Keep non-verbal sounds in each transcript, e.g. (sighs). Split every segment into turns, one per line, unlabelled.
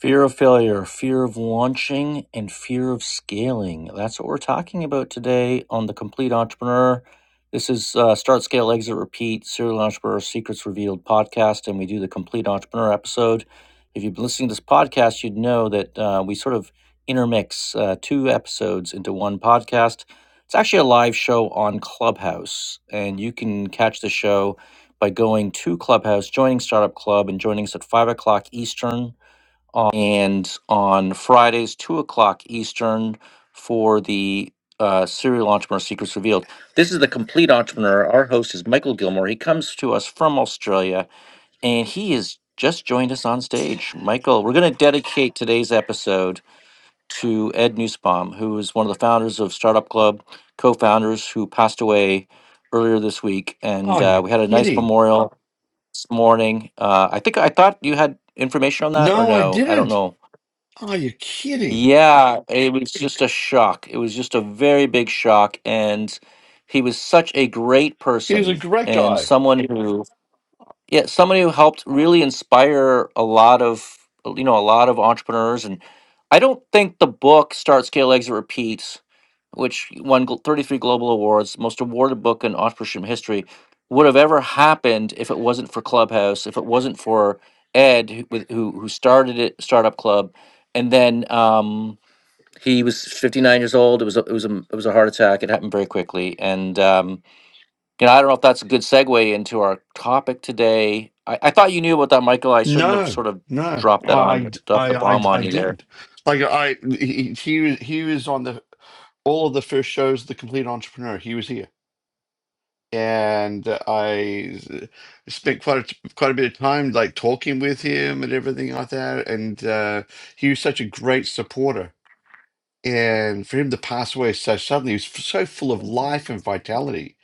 Fear of failure, fear of launching, and fear of scaling. That's what we're talking about today on The Complete Entrepreneur. This is uh, Start, Scale, Exit, Repeat, Serial Entrepreneur Secrets Revealed podcast, and we do the Complete Entrepreneur episode. If you've been listening to this podcast, you'd know that uh, we sort of intermix uh, two episodes into one podcast. It's actually a live show on Clubhouse, and you can catch the show by going to Clubhouse, joining Startup Club, and joining us at 5 o'clock Eastern on- and on Fridays, 2 o'clock Eastern, for the uh, Serial Entrepreneur Secrets Revealed. This is the Complete Entrepreneur. Our host is Michael Gilmore. He comes to us from Australia, and he has just joined us on stage. Michael, we're going to dedicate today's episode to Ed Nussbaum, who is one of the founders of Startup Club, co founders who passed away earlier this week. And
Oh,
uh,
you're
we had a nice
kidding.
memorial this morning. Uh, I think I thought you had information on that, or
No, I
no? I don't
didn't.
know.
Oh, you're kidding.
Yeah, it was just a shock. It was just a very big shock, and he was such a great
He was a
person
great
and
guy.
someone who, yeah, somebody who helped really inspire a lot of, you know, a lot of entrepreneurs. And I don't think the book Start, Scale, Exit, Repeat, which won gl- 33 Global Awards, most awarded book in entrepreneurship history, would have ever happened if it wasn't for Clubhouse, if it wasn't for Ed, who with- who, who started it, Startup Club, and then. Um, he was 59 years old. It was a, it was a it was a heart attack. It happened very quickly, and um, you know I don't know if that's a good segue into our topic today. I, I thought you knew about that, Michael. I shouldn't have
No,
sort of
no,
dropped that on
I,
you, dropped
I,
the
I,
bomb
I
on you there.
didn't. Like I, he, he was, he was on the all of the first shows, of The Complete Entrepreneur. He was here, and I spent quite a, quite a bit of time like talking with him and everything like that. And uh, he was such a great supporter. And for him to pass away so suddenly, he was f- so full of life and vitality.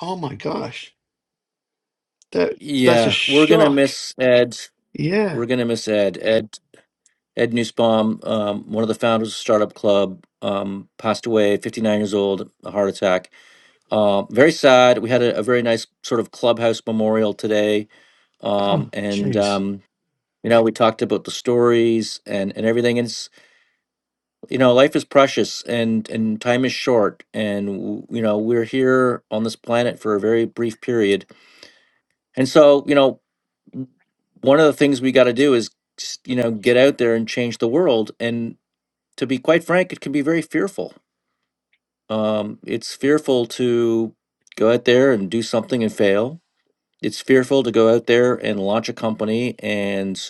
Oh my gosh That that's a
Yeah, we're gonna
shock.
miss Ed.
Yeah.
We're gonna miss Ed. Ed Ed Newsbaum, um, one of the founders of Startup Club, um, passed away, 59 years old, a heart attack. Um, very sad. We had a, a very nice sort of clubhouse memorial today,
Oh,
um, and
jeez.
um, you know we talked about the stories and and everything. And it's you know life is precious and and time is short, and w- you know we're here on this planet for a very brief period. And so you know w- one of the things we got to do is s- you know get out there and change the world. And to be quite frank, it can be very fearful. Um, it's fearful to go out there and do something and fail It's fearful to go out there and launch a company and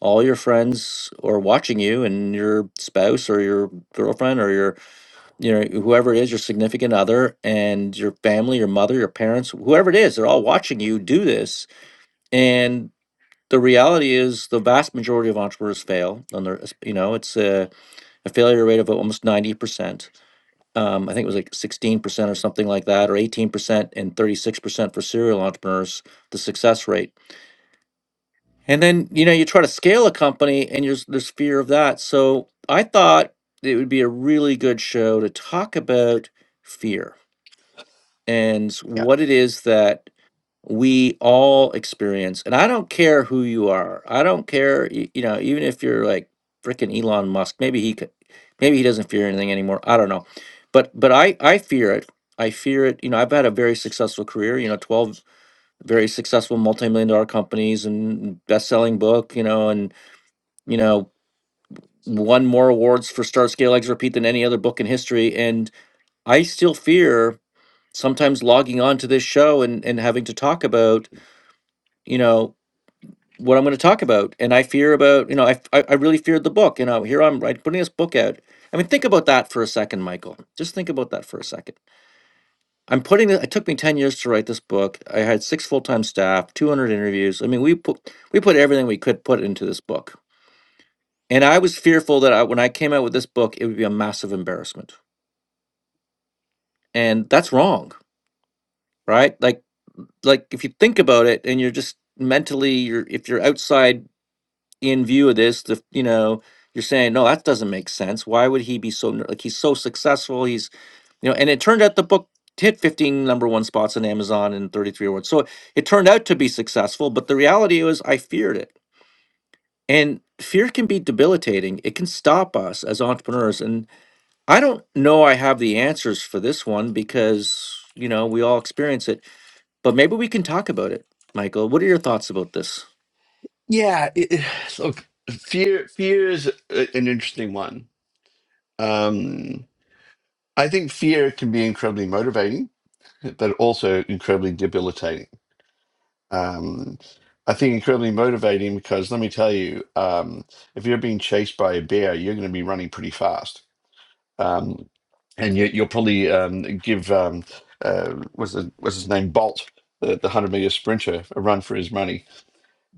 all your friends are watching you and your spouse or your girlfriend or your you know whoever it is your significant other and your family your mother your parents whoever it is they're all watching you do this and the reality is the vast majority of entrepreneurs fail and they're you know it's a, a failure rate of almost 90% um, i think it was like 16% or something like that or 18% and 36% for serial entrepreneurs the success rate And then, you know, you try to scale a company and there's there's fear of that. So I thought it would be a really good show to talk about fear and
Yeah.
what it is that we all experience. And I don't care who you are. I don't care, y- you know, even if you're like freaking Elon Musk, maybe he could, maybe he doesn't fear anything anymore. I don't know. But but I I fear it. I fear it. You know, I've had a very successful career, you know, 12 very successful multi-million dollar companies and best-selling book, you know, and you know, won more awards for Start Scale Exit Repeat than any other book in history. And I still fear sometimes logging on to this show and, and having to talk about, you know, what I'm going to talk about. And I fear about, you know, I, I, I really feared the book. You know, here I'm right putting this book out. I mean, think about that for a second, Michael. Just think about that for a second. I'm putting it. It took me ten years to write this book. I had six full time staff, 200 interviews. I mean, we put we put everything we could put into this book And I was fearful that I, when I came out with this book, it would be a massive embarrassment. And that's wrong, right? Like, like if you think about it, and you're just mentally, you're if you're outside in view of this, the you know, you're saying, no, that doesn't make sense. Why would he be so ner- like he's so successful? He's you know, and it turned out the book hit 15 number one spots on Amazon and 33 awards. So it turned out to be successful, but the reality was I feared it. And fear can be debilitating. It can stop us as entrepreneurs. And I don't know I have the answers for this one because, you know, we all experience it, but maybe we can talk about it. Michael, what are your thoughts about this?
Yeah. It, it- (sighs) look, fear. Fear is a- an interesting one. Um, I think fear can be incredibly motivating, but also incredibly debilitating. Um, I think incredibly motivating because let me tell you, um, if you're being chased by a bear, you're going to be running pretty fast Um, and you, you'll probably um, give um, uh, what's, the, what's his name Bolt, the, the hundred meter sprinter, a run for his money.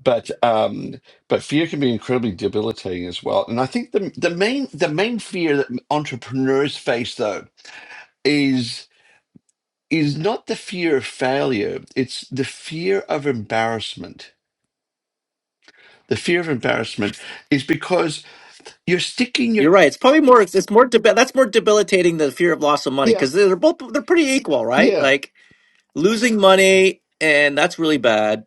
But um, but fear can be incredibly debilitating as well. And I think the the main the main fear that entrepreneurs face though is is not the fear of failure. It's the fear of embarrassment. The fear of embarrassment is because you're sticking your
You're right. It's probably more it's it's more deb- that's more debilitating than the fear of loss of money
yeah
cuz they're both they're pretty equal, right?
yeah
Like losing money and that's really bad.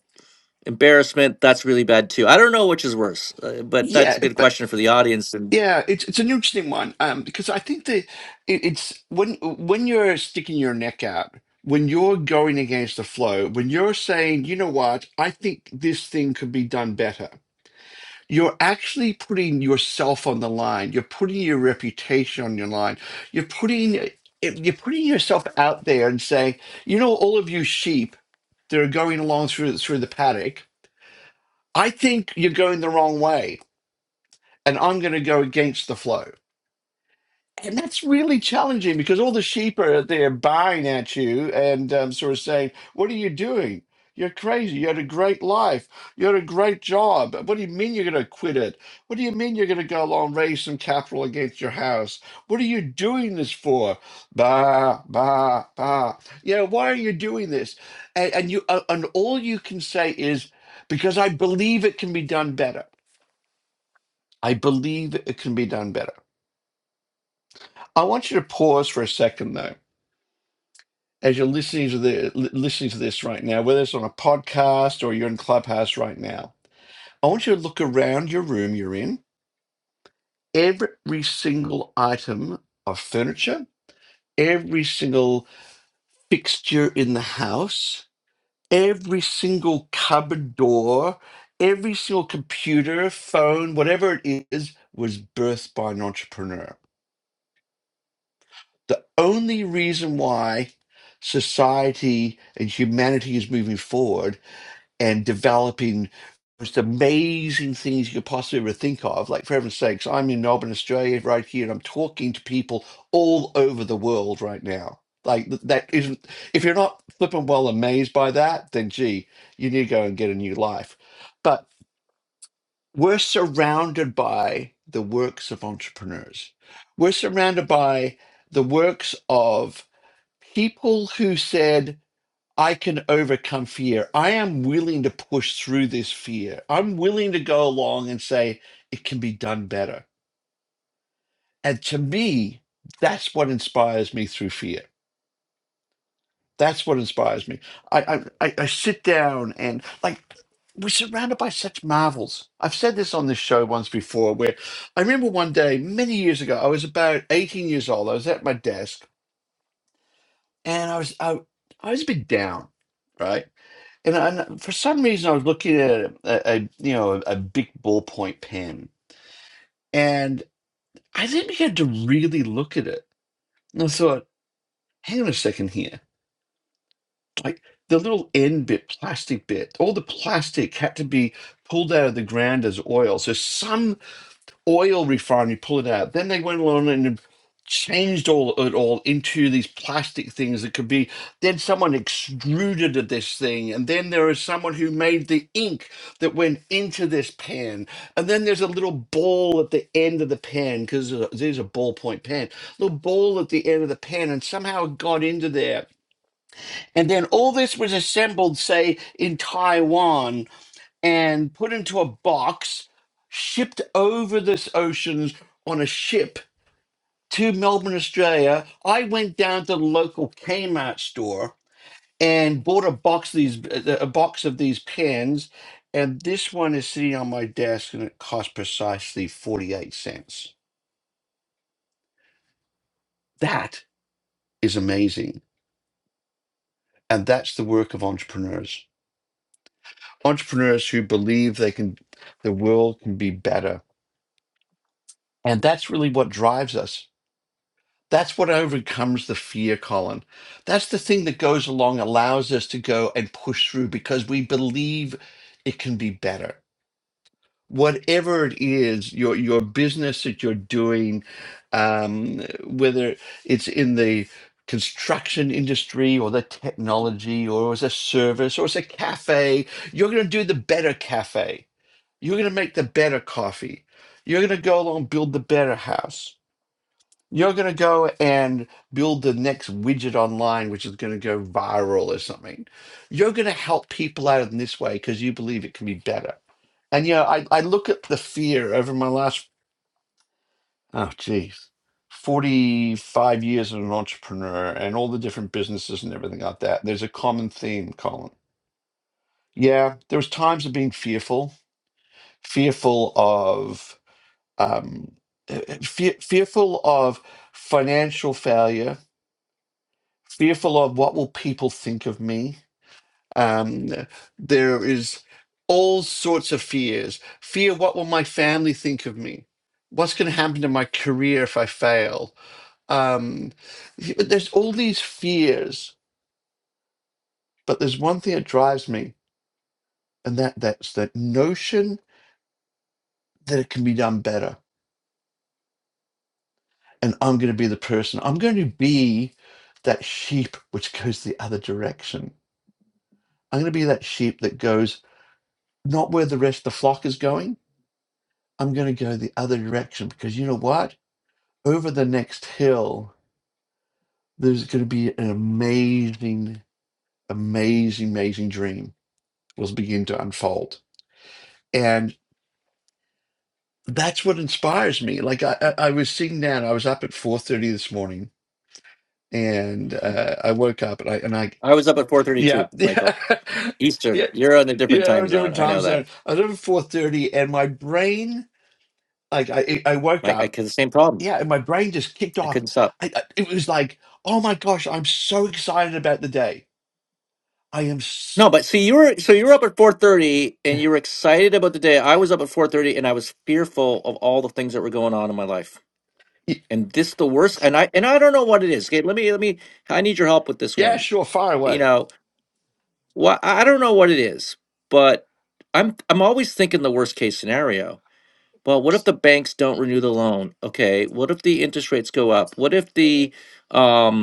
Embarrassment, that's really bad too. I don't know which is worse, uh, but that's
yeah.
a good question for the audience and
Yeah, it's it's an interesting one um, because I think that it, it's when when you're sticking your neck out, when you're going against the flow, when you're saying, you know what, I think this thing could be done better, you're actually putting yourself on the line. You're putting your reputation on your line. You're putting eh, you're putting yourself out there and saying, you know, all of you sheep that are going along through through the paddock, I think you're going the wrong way, and I'm going to go against the flow And that's really challenging because all the sheep are there buying at you and um, sort of saying, What are you doing? You're crazy. You had a great life. You had a great job. What do you mean you're going to quit it? What do you mean you're going to go along and raise some capital against your house? What are you doing this for? Bah, bah, bah. You know, why are you doing this? And, and you uh, and all you can say is because I believe it can be done better. I believe it can be done better. I want you to pause for a second though as you're listening to the li- listening to this right now, whether it's on a podcast or you're in Clubhouse right now, I want you to look around your room you're in. Every single item of furniture, every single fixture in the house, every single cupboard door, every single computer, phone, whatever it is, was birthed by an entrepreneur. The only reason why society and humanity is moving forward and developing most amazing things you could possibly ever think of. Like, for heaven's sakes, I'm in Melbourne, Australia, right here, and I'm talking to people all over the world right now. Like, th- that isn't, if you're not flipping well amazed by that, then gee, you need to go and get a new life. But we're surrounded by the works of entrepreneurs, we're surrounded by the works of people who said, I can overcome fear. I am willing to push through this fear. I'm willing to go along and say, it can be done better. And to me, that's what inspires me through fear. That's what inspires me. I, I, I I sit down and like we're surrounded by such marvels. I've said this on this show once before where I remember one day, many years ago, I was about 18 years old. I was at my desk and I was I, I was a bit down, right? And, and for some reason, I was looking at a, a you know a, a big ball point pen, and I then began to really look at it. And I thought, hang on a second here, like the little end bit, plastic bit, all the plastic had to be pulled out of the ground as oil. So some. oil refinery, pull it out. Then they went along and changed all it all into these plastic things that could be. Then someone extruded this thing, and then there is someone who made the ink that went into this pen, and then there's a little ball at the end of the pen because there's a ballpoint pen, little ball at the end of the pen, and somehow it got into there. And then all this was assembled, say, in Taiwan and put into a box, shipped over this oceans on a ship to Melbourne, Australia. I went down to the local Kmart store and bought a box of these a a box of these pens, and this one is sitting on my desk, and it cost precisely forty eight cents. That is amazing, and that's the work of entrepreneurs. Entrepreneurs who believe they can, the world can be better, and that's really what drives us That's what overcomes the fear, Colin. That's the thing that goes along, allows us to go and push through because we believe it can be better. Whatever it is, your your business that you're doing, um, whether it's in the construction industry or the technology or as a service or as a cafe, you're going to do the better cafe. You're going to make the better coffee. You're going to go along and build the better house you're going to go and build the next widget online, which is going to go viral or something. You're going to help people out in this way because you believe it can be better. And, you know, I, I look at the fear over my last, oh, geez, 45 years as an entrepreneur and all the different businesses and everything like that. There's a common theme, Colin. Yeah, there was times of being fearful, fearful of, um, eh, eh, fear, fearful of financial failure fearful of what will people think of me. Um, there is all sorts of fears. Fear what will my family think of me? What's going to happen to my career if I fail? Um, there's all these fears, but there's one thing that drives me, and that that's that notion that it can be done better. And I'm going to be the person. I'm going to be that sheep which goes the other direction. I'm going to be that sheep that goes not where the rest of the flock is going I'm going to go the other direction because you know what? Over the next hill, there's going to be an amazing, amazing, amazing dream will begin to unfold, and that's what inspires me. Like I, I, I was sitting down. I was up at four thirty this morning, and uh, I woke up and I and I,
I was up at
yeah,
4:32,
(laughs) yeah,
Michael. Eastern.
yeah,
You're on a different time
yeah,
zone.
different
I
time
know that.
zone. I was up at four thirty, and my brain, like I, I woke
Mike, I
up
had the same problem.
yeah, and my brain just kicked
I
off.
couldn't stop.
I, I- it was like, oh my gosh, I'm so excited about the day. I am,
No,
s-
but see, you were so you were up at four thirty, and you were excited about the day. I was up at four thirty, and I was fearful of all the things that were going on in my life.
y-
And this the worst. And I and I don't know what it is. Okay, let me let me. I need your help with this
yeah,
one.
sure, far
You
away.
know, what I I don't know what it is, but I'm I'm always thinking the worst case scenario. Well, what if the banks don't renew the loan? Okay, what if the interest rates go up? What if the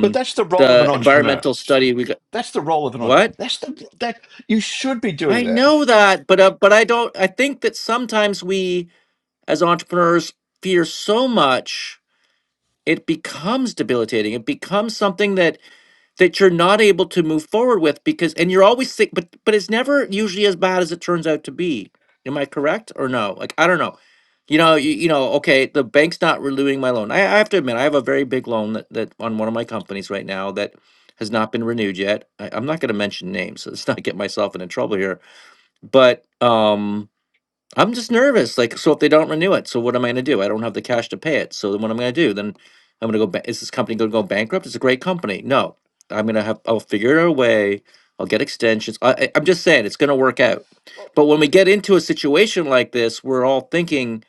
But that's the role of an
the
entrepreneur.
environmental study we got?
That's the role of an
What?
entrepreneur. That's the that you should be
I
doing that.
know that, but uh, but I don't. I think that sometimes we, as entrepreneurs, fear so much it becomes debilitating. It becomes something that that you're not able to move forward with because, and you're always sick. But but it's never usually as bad as it turns out to be. Am I correct or no? Like I don't know. You know, you, you know. Okay, the bank's not renewing my loan. I, I have to admit, I have a very big loan that, that on one of my companies right now that has not been renewed yet. I, I'm not going to mention names. (laughs) So let's not get myself into trouble here but um i'm just nervous like so if they don't renew it so what am i going to do i don't have the cash to pay it so then what am i going to do then i'm going to go ba- is this company going to go bankrupt it's a great company no i'm going to have i'll figure it a way i'll get extensions I, I, i'm just saying it's going to work out
Well,
but when we get into a situation like this we're all thinking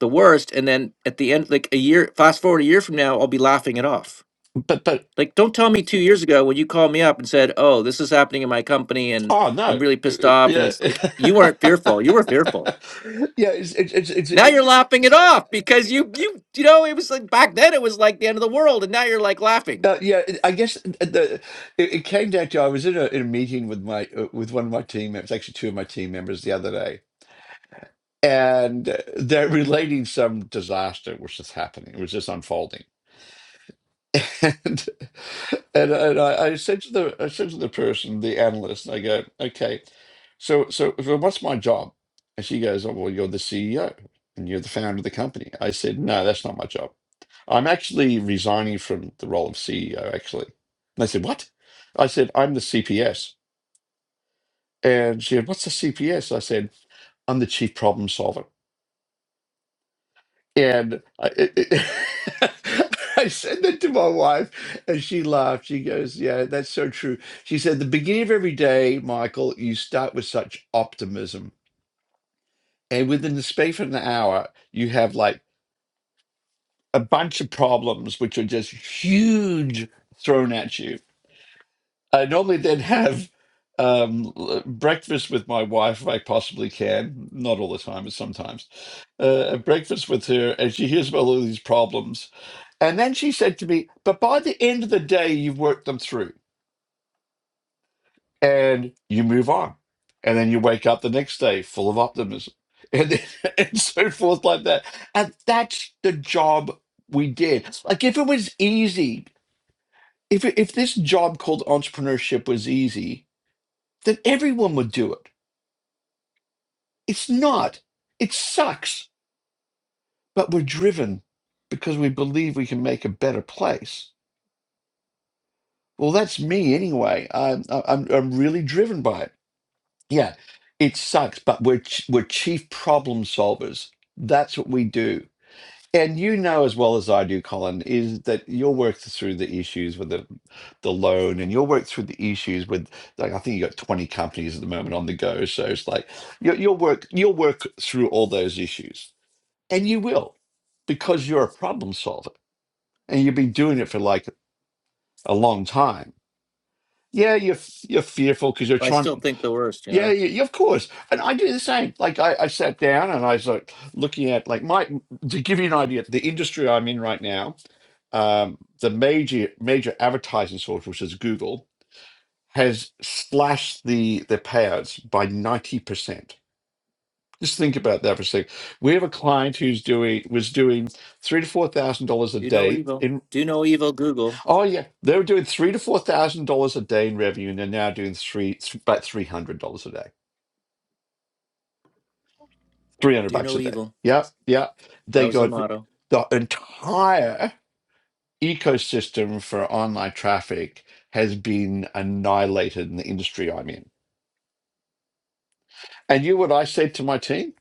the worst and then at the end like a year fast forward a year from now i'll be laughing it off
but but
like, don't tell me two years ago when you called me up and said, "Oh, this is happening in my company, and
oh
I'm
no,
really pissed
Uh,
off." And
yeah, (laughs)
it's like you weren't fearful; you were fearful.
yeah. It's it's it's. it's
Now
it,
you're laughing it off because you you you know it was like back then it was like the end of the world, and now you're like laughing.
uh, yeah, it- I guess uh, the, it, it came down to I was in a, in a meeting with my uh, with one of my team members, actually two of my team members the other day, and they're relating some disaster which is happening, which is unfolding. (laughs) And and, and I, I said to the I said to the person, the analyst, and I go, okay, so so so what's my job? And she goes, oh, well, you're the CEO and you're the founder of the company. I said, no, that's not my job. I'm actually resigning from the role of CEO. Actually, and they said, what? I said, I'm the CPS. And she said, what's the CPS? I said, I'm the chief problem solver. And I, it, it- (laughs) I said that to my wife, and she laughed. She goes, Yeah, that's so true. She said, The beginning of every day, Michael, you start with such optimism. And within the space of an hour, you have like a bunch of problems, which are just huge thrown at you. I normally then have um l- breakfast with my wife if i possibly can not all the time but sometimes uh a breakfast with her and she hears about all these problems And then she said to me, But by the end of the day, you've worked them through and you move on. And then you wake up the next day full of optimism and, then, (laughs) and so forth, like that. And that's the job we did. Like, if it was easy, if, if this job called entrepreneurship was easy, then everyone would do it. It's not, it sucks, but we're driven because we believe we can make a better place. Well, that's me anyway. I'm, I'm, I'm really driven by it. yeah, it sucks, but we're ch- we're chief problem solvers. That's what we do. And you know as well as I do, Colin, is that you'll work through the issues with the the loan, and you'll work through the issues with like I think you got twenty companies at the moment on the go. So it's like you, you'll work you'll work through all those issues, and you will because you're a problem solver, and you've been doing it for like a long time. Yeah, you're f- you're fearful because you're
But I still
trying.
think the worst, you
Yeah,
know.
yeah, yeah, of course. And I do the same. Like I, I sat down and I was like looking at like my to give you an idea, the industry I'm in right now, um, the major major advertising source, which is Google, has slashed the the payouts by 90%. Just think about that for a second. We have a client who's doing was doing three to four thousand dollars a
Do no
day
evil.
in
Do no evil. Google.
oh yeah, they were doing three to four thousand dollars a day in revenue and they're now doing three about three hundred dollars a day 300
Do
bucks
no
a day.
evil.
Yeah, yeah.
That
They
was their
got
motto.
the entire ecosystem for online traffic has been annihilated in the industry I'm in. And you know what I said to my team?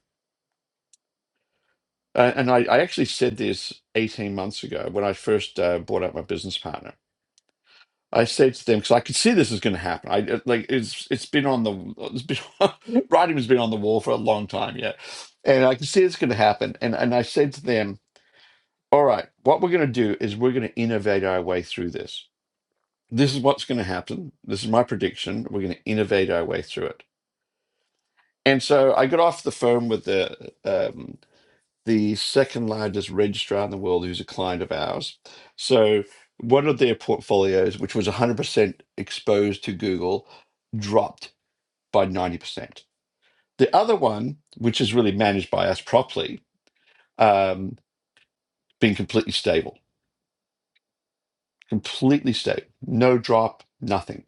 Uh, and I, I actually said this 18 months ago when I first uh, brought out my business partner. I said to them because I could see this is going to happen. I it- like it's it's been on the it's been (laughs) writing has been on the wall for a long time, yeah. And I could see it's going to happen. And and I said to them, All right, what we're going to do is we're going to innovate our way through this. This is what's going to happen. This is my prediction. We're going to innovate our way through it. And so I got off the phone with the um, the second largest registrar in the world, who's a client of ours. So one of their portfolios, which was 100% exposed to Google, dropped by 90%. The other one, which is really managed by us properly, um, been completely stable, completely stable, no drop, nothing.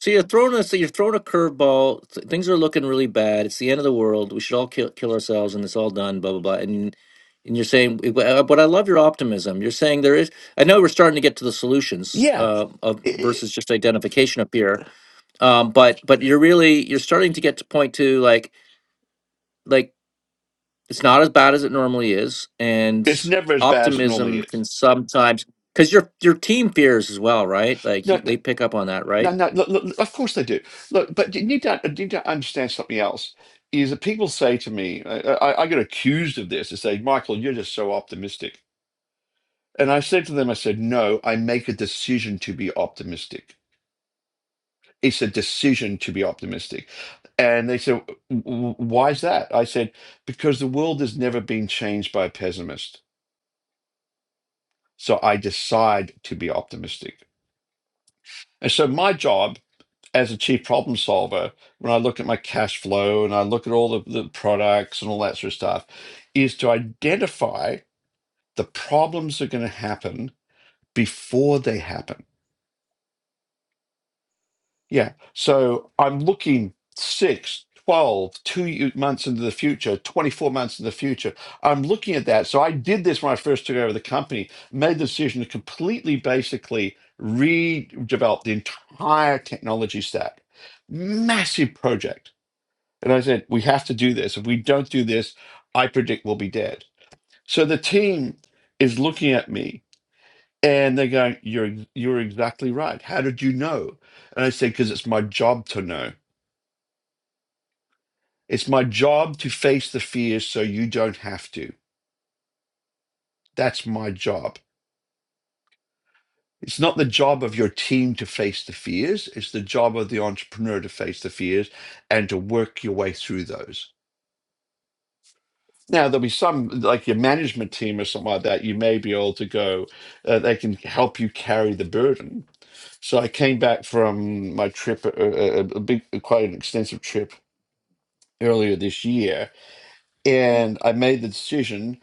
So you're throwing a so you're throwing a curveball. Th- Things are looking really bad. It's the end of the world. We should all kill kill ourselves, and it's all done. Blah blah blah. And and you're saying, but but I love your optimism. You're saying there is. I know we're starting to get to the solutions
Yeah,
uh, of
i-
versus just identification up here. Um, but but you're really you're starting to get to point to like like it's not as bad as it normally is, and
it's never as bad as it normally
optimism can
is.
sometimes because your your team fears as well, right? Like
No,
you,
no,
they pick up on that, right?
no. no, Look, look, of course they do. Look, but you need to you need to understand something else. Is that people say to me, I, I, I get accused of this. They say, "Michael, you're just so optimistic." And I said to them, "I said, no, I make a decision to be optimistic. It's a decision to be optimistic." And they said, "W- w- "Why is that?" I said, "Because the world has never been changed by a pessimist, so I decide to be optimistic." And so my job as a chief problem solver, when I look at my cash flow and I look at all the, the products and all that sort of stuff, is to identify the problems that are going to happen before they happen. Yeah. So I'm looking six, twelve, two months into the future, 24 months in the future. I'm looking at that. So I did this when I first took over the company, made the decision to completely basically redevelop the entire technology stack. Massive project And I said, we have to do this. If we don't do this, I predict we'll be dead. So the team is looking at me and they're going, you're, you're exactly right. How did you know? And I said, because it's my job to know. It's my job to face the fears so you don't have to. That's my job. It's not the job of your team to face the fears. It's the job of the entrepreneur to face the fears and to work your way through those. Now, there'll be some, like your management team or something like that, you may be able to go, uh, they can help you carry the burden. So I came back from my trip, uh, a, a big, quite an extensive trip earlier this year, and I made the decision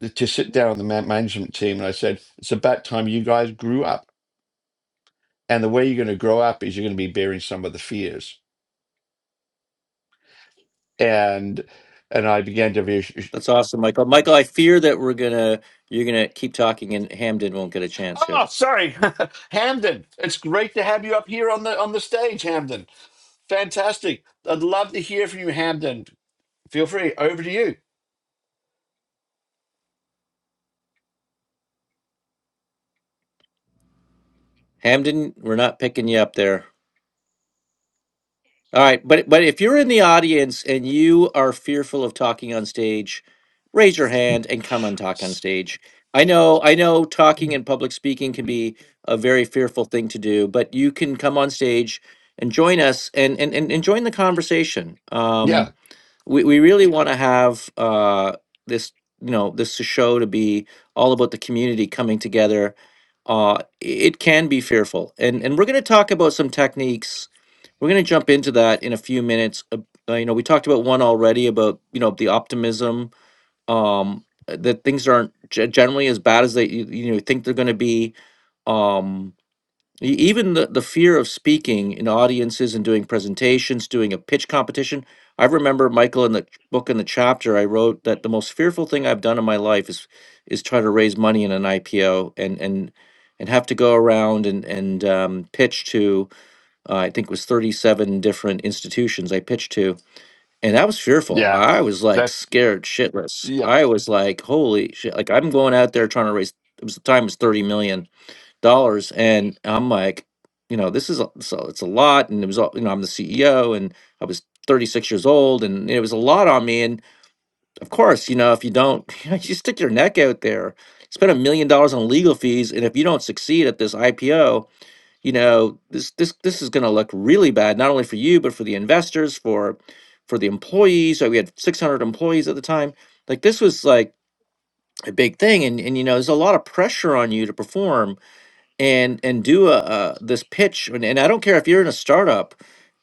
t- to sit down with the man- management team and I said, it's about time you guys grew up. And the way you're going to grow up is you're going to be bearing some of the fears. And and I began to
That's awesome, Michael. Michael, I fear that we're gonna you're gonna keep talking and Hamden won't get a chance here.
Oh, sorry, (laughs) Hamden. It's great to have you up here on the on the stage, Hamden. Fantastic. I'd love to hear from you, Hamden. Feel free. Over to you.
Hamden, we're not picking you up there. All right, but but if you're in the audience and you are fearful of talking on stage, raise your hand and come and talk on stage. I know I know talking and public speaking can be a very fearful thing to do, but you can come on stage and join us and and and, and join the conversation. Um
Yeah,
we, we really want to have uh, this you know this show to be all about the community coming together uh, it can be fearful and and we're going to talk about some techniques we're going to jump into that in a few minutes uh, uh, you know we talked about one already about you know the optimism um, uh, that things aren't ge- generally as bad as they you, you know think they're going to be Um, E- Even the, the fear of speaking in audiences and doing presentations, doing a pitch competition. I remember Michael in the ch- book in the chapter I wrote that the most fearful thing I've done in my life is is try to raise money in an IPO and and and have to go around and and um, pitch to uh, I think it was 37 different institutions I pitched to and that was fearful.
yeah.
I was like
That.
scared shitless.
Yeah,
I was like holy shit like I'm going out there trying to raise it was the time was 30 million dollars and i'm like you know this is a- so it's a lot and it was all you know i'm the ceo and i was 36 years old and it was a lot on me and of course you know if you don't (laughs) you stick your neck out there spend a million dollars on legal fees and if you don't succeed at this ipo you know this this this is going to look really bad not only for you but for the investors for for the employees so we had 600 employees at the time like this was like a big thing and and you know there's a lot of pressure on you to perform and and do a uh, this pitch and, and i don't care if you're in a startup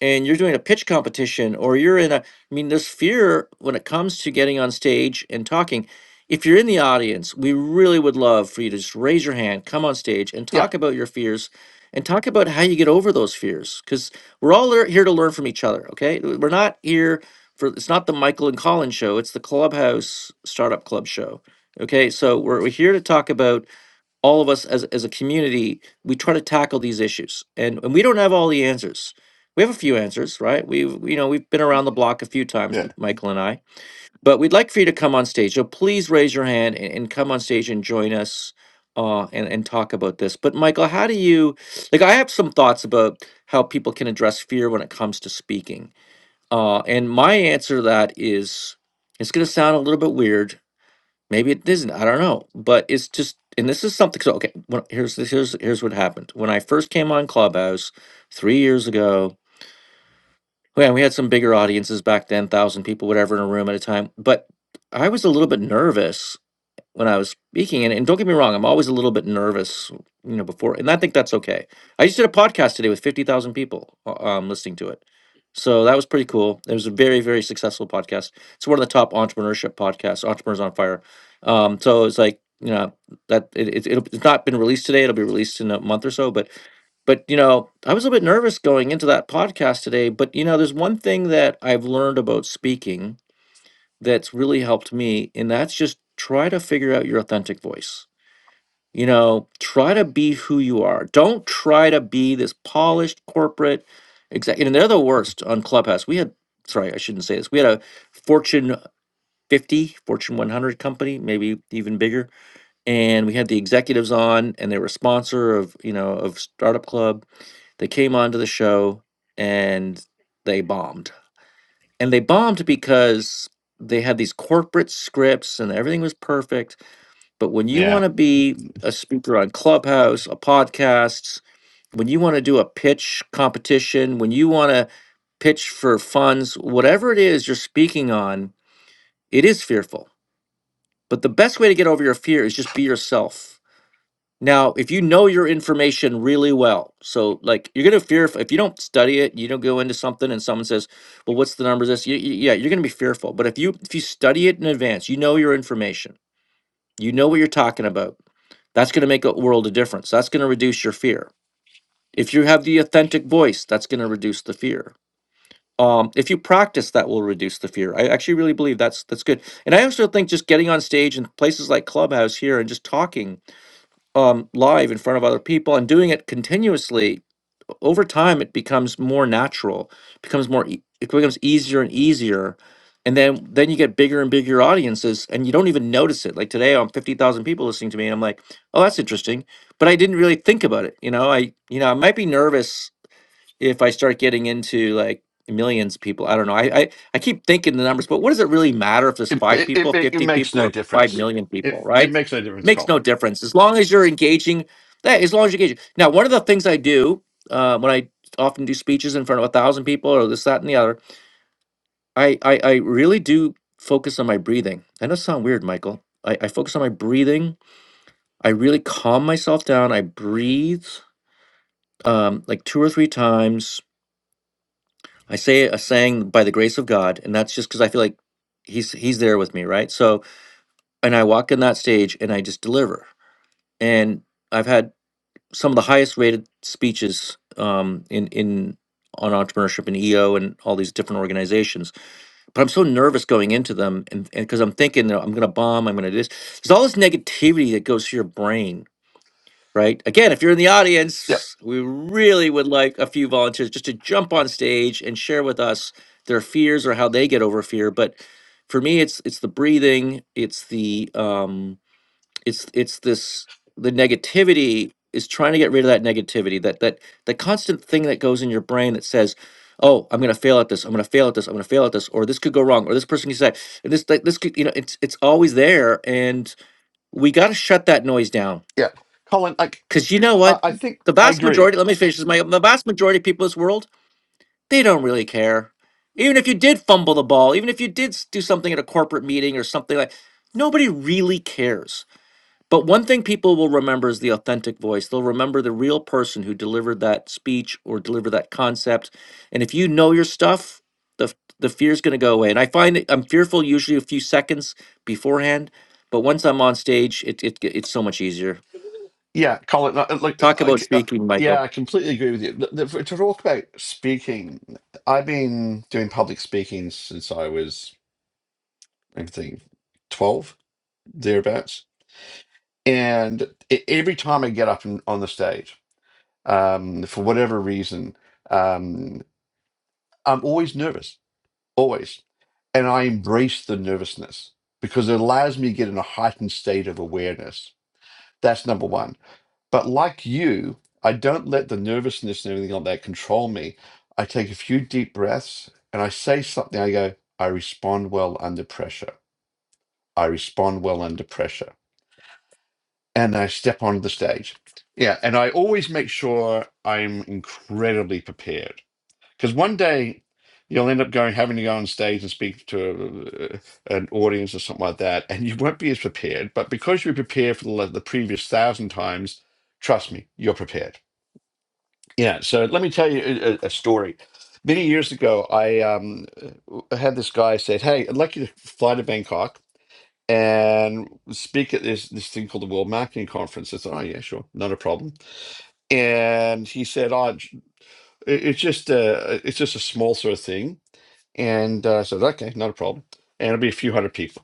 and you're doing a pitch competition or you're in a i mean this fear when it comes to getting on stage and talking if you're in the audience we really would love for you to just raise your hand come on stage and
yeah,
talk about your fears and talk about how you get over those fears because we're all lear- here to learn from each other okay we're not here for it's not the michael and colin show it's the clubhouse startup club show okay so we're, we're here to talk about all of us as, as a community, we try to tackle these issues. And, and we don't have all the answers. We have a few answers, right? We've you know we've been around the block a few times,
yeah,
M- Michael and I. But we'd like for you to come on stage. So please raise your hand and, and come on stage and join us uh, and and talk about this. But Michael, how do you like? I have some thoughts about how people can address fear when it comes to speaking. Uh, and my answer to that is it's going to sound a little bit weird, Maybe it isn't. I don't know. But it's just, and this is something. So okay, when, here's this. Here's here's what happened when I first came on Clubhouse three years ago. Man, we had some bigger audiences back then, thousand people, whatever, in a room at a time. But I was a little bit nervous when I was speaking. And, and don't get me wrong, I'm always a little bit nervous, you know, before, and I think that's okay. I just did a podcast today with 50,000 people uh, um, listening to it. So that was pretty cool. It was a very, very successful podcast. It's one of the top entrepreneurship podcasts, Entrepreneurs on Fire. Um, so it's like, you know, that it, it, it'll, it's not been released today. It'll be released in a month or so. But, but, you know, I was a little bit nervous going into that podcast today. But, you know, there's one thing that I've learned about speaking that's really helped me, and that's just try to figure out your authentic voice. You know, try to be who you are. Don't try to be this polished corporate executive. And they're the worst on Clubhouse. We had, sorry, I shouldn't say this. We had a Fortune 50, Fortune 100 company, maybe even bigger, and we had the executives on, and they were a sponsor of you know of Startup Club. They came onto the show and they bombed and they bombed because they had these corporate scripts and everything was perfect. But when you
yeah.
want to be a speaker on Clubhouse, a podcast, when you want to do a pitch competition, when you want to pitch for funds, whatever it is you're speaking on, it is fearful. But the best way to get over your fear is just be yourself now, if you know your information really well, so like you're gonna fear if, if you don't study it, you don't go into something, and someone says, "Well, what's the number of This, you, you- yeah, you're gonna be fearful. But if you if you study it in advance, you know your information, you know what you're talking about. That's gonna make a world of difference. That's gonna reduce your fear. If you have the authentic voice, that's gonna reduce the fear. Um, if you practice, that will reduce the fear. I actually really believe that's that's good. And I also think just getting on stage in places like Clubhouse here and just talking um, live in front of other people and doing it continuously over time it becomes more natural becomes more e- it becomes easier and easier and then then you get bigger and bigger audiences and you don't even notice it like today i'm 50000 people listening to me and i'm like oh that's interesting but i didn't really think about it you know i you know i might be nervous if I start getting into like millions of people. I don't know. I, I I keep thinking the numbers, but what does it really matter if there's
It
five
it
people,
it, it it
fifty
makes
people,
no
or five
difference.
million
It
people?
it
Right?
makes no difference,
Makes no
Colin.
difference as long as you're engaging. That as long as you're engaging. Now, one of the things I do uh, when I often do speeches in front of a thousand people, or this, that, and the other, I I, I really do focus on my breathing. I know it sounds weird, Michael. I, I focus on my breathing. I really calm myself down. I breathe um, like two or three times I say a saying by the grace of God, and that's just because I feel like he's he's there with me, right? So, and I walk in that stage and I just deliver. And I've had some of the highest rated speeches um, in in on entrepreneurship and EO and all these different organizations. But I'm so nervous going into them, and because I'm thinking you know, I'm going to bomb, I'm going to do this. There's all this negativity that goes to your brain, right? Again, if you're in the
Yeah,
audience, we really would like a few volunteers just to jump on stage and share with us their fears or how they get over fear. But for me, it's it's the breathing, it's the um, it's it's this the negativity is trying to get rid of that negativity, that that the constant thing that goes in your brain that says. Oh, I'm gonna fail at this. I'm gonna fail at this. I'm gonna fail at this. Or this could go wrong. Or this person could say, and this, like, this could, you know, it's it's always there. And we got to shut that noise down
yeah. Colin, like
because you know
I,
what?
I think
The
I
vast
agree.
majority, let me finish this, Mike. The vast majority of people in this world, they don't really care. Even if you did fumble the ball, even if you did s- do something at a corporate meeting or something like nobody really cares. But one thing people will remember is the authentic voice. They'll remember the real person who delivered that speech or delivered that concept. And if you know your stuff, the f- the fear's going to go away. And I find it, I'm fearful usually a few seconds beforehand, but once I'm on stage, it, it it's so much easier.
Yeah, Colin. uh, uh, Like
Talk
I,
about
c- uh,
speaking,
yeah,
Michael.
I completely agree with you. The- the- for- To talk about speaking, I've been doing public speaking since I was. I think 12 thereabouts and e- every time i get up and on the stage um, for whatever reason um, i'm always nervous always and i embrace the nervousness because it allows me to get in a heightened state of awareness that's number one but like you i don't let the nervousness and everything like that control me i take a few deep breaths and i say something i go i respond well under pressure i respond well under pressure and I step onto the stage. Yeah, and I always make sure I'm incredibly prepared because one day you'll end up going having to go on stage and speak to uh, an audience or something like that, and you won't be as prepared. But because you're prepared for the, the previous thousand times, trust me, you're prepared. Yeah. So let me tell you a, a a story. Many years ago, I um, uh, had this guy said, "Hey, I'd like you to fly to Bangkok." and speak at this this thing called the World Marketing Conference. I thought, oh yeah, sure, not a problem. And he said, oh, j- it- it's just a it's just a small sort of thing. And uh, I said, okay, not a problem. And it'll be a few hundred people,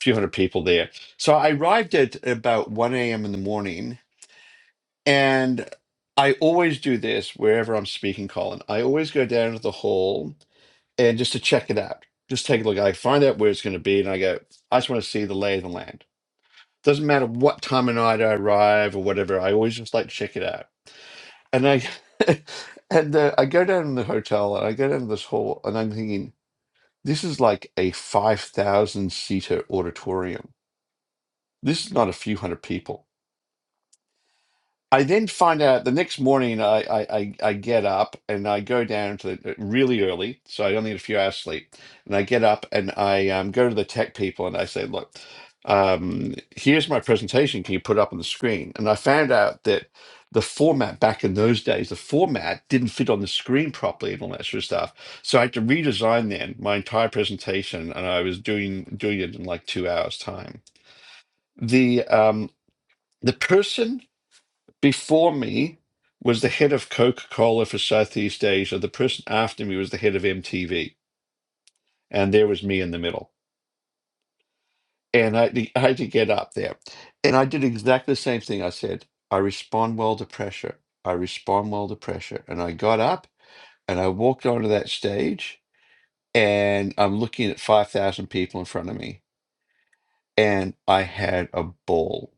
few hundred people there. So I arrived at about one a.m. in the morning, and I always do this wherever I'm speaking, Colin. I always go down to the hall and just to check it out, just take a look. I find out where it's going to be, and I go, I just want to see the lay of the land Doesn't matter what time of night I arrive or whatever. I always just like check it out. And I (laughs) and uh, I go down in the hotel and I go down this hall and I'm thinking this is like a five thousand seater auditorium. This is not a few hundred people. I then find out the next morning I, I, I I get up and I go down to the really early, so I only had a few hours sleep. And I get up and I um, go to the tech people and I say, look, um, here's my presentation. Can you put it up on the screen? And I found out that the format back in those days, the format didn't fit on the screen properly and all that sort of stuff. So I had to redesign then my entire presentation and I was doing doing it in like two hours time. The um, the person before me was the head of Coca Cola for Southeast Asia. The person after me was the head of MTV. And there was me in the middle. And I, had to- I had to get up there. And I did exactly the same thing. I said, I respond well to pressure. I respond well to pressure. And I got up and I walked onto that stage and I'm looking at 5,000 people in front of me. And I had a ball.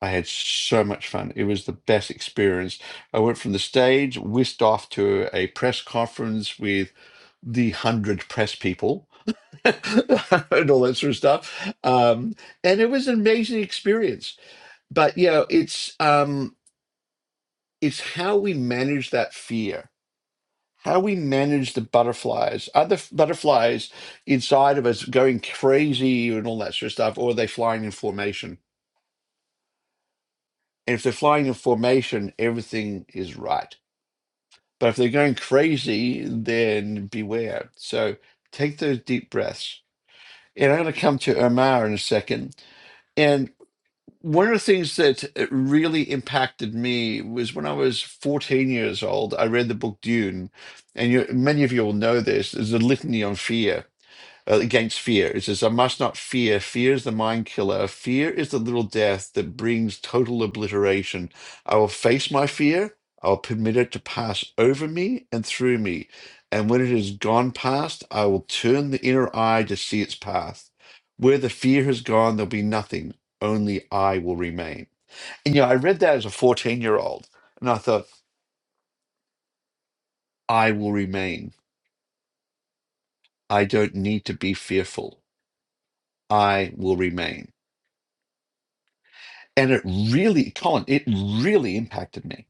I had so much fun. It was the best experience. I went from the stage, whisked off to a press conference with the hundred press people (laughs) and all that sort of stuff. Um, and it was an amazing experience. But you know, it's um, it's how we manage that fear, how we manage the butterflies, other f- butterflies inside of us going crazy and all that sort of stuff, or are they flying in formation? And if they're flying in formation, everything is right But if they're going crazy, then beware. So take those deep breaths. And I'm going to come to Omar in a second. And one of the things that uh, really impacted me was when I was 14 years old, I read the book Dune. And you, many of you will know this. There's a litany on fear uh, against fear. It says, I must not fear. Fear is the mind killer. Fear is the little death that brings total obliteration. I will face my fear. I will permit it to pass over me and through me. And when it has gone past, I will turn the inner eye to see its path. Where the fear has gone, there'll be nothing. Only I will remain. And yeah, I read that as a 14 year old. And I thought, I will remain. I don't need to be fearful. I will remain. and it really colin it really impacted me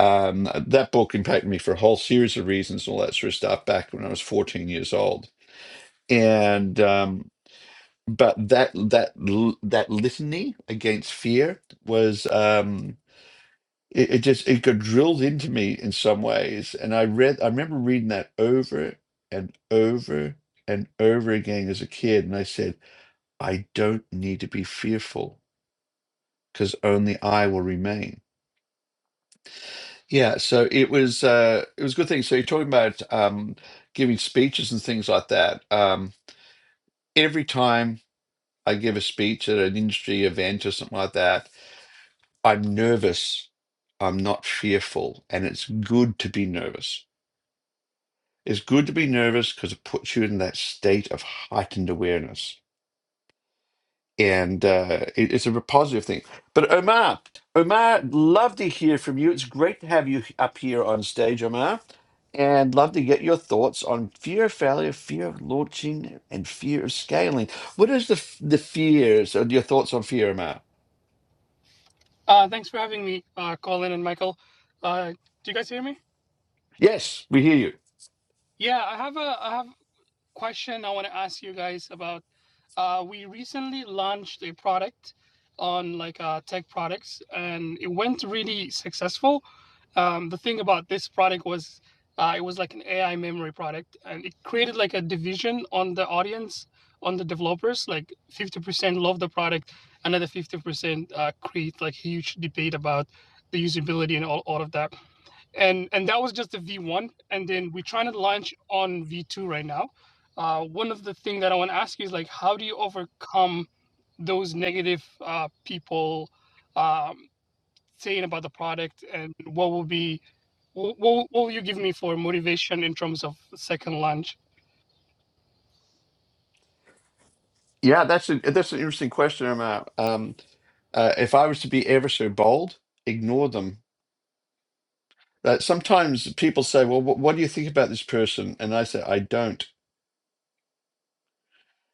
um that book impacted me for a whole series of reasons and all that sort of stuff back when i was 14 years old and um but that that that litany against fear was um it, it just it got drilled into me in some ways and i read i remember reading that over and over and over again as a kid and i said i don't need to be fearful because only i will remain Yeah, so it was uh it was a good thing. So you're talking about um giving speeches and things like that. Um every time I give a speech at an industry event or something like that, I'm nervous. I'm not fearful, and it's good to be nervous. It's good to be nervous because it puts you in that state of heightened awareness. and uh, it- it's a positive thing. But Omar, Omar, love to hear from you. It's great to have you h- up here on stage, Omar, and love to get your thoughts on fear of failure, fear of launching, and fear of scaling. What is the f- the fears or your thoughts on fear, Omar?
Uh, thanks for having me, uh, Colin and Michael. Uh, do you guys hear me?
Yes, we hear you.
Yeah, I have a I have question I want to ask you guys about. Uh, we recently launched a product on like uh, tech products, and it went really successful. Um, the thing about this product was uh, it was like an AI memory product, and it created like a division on the audience, on the developers. Like fifty percent love the product, another fifty percent uh, create like huge debate about the usability and all, all of that and and that was just the V1, and then we're trying to launch on V2 right now. Uh, one of the things that I want to ask you is like, how do you overcome those negative uh, people um, saying about the product, and what will be what, what will you give me for motivation in terms of second launch?
Yeah, that's a that's an interesting question, Omar. Um, uh, if I was to be ever so bold, ignore them. Uh, sometimes people say, "Well, wh- what do you think about this person?" And I say, "I don't."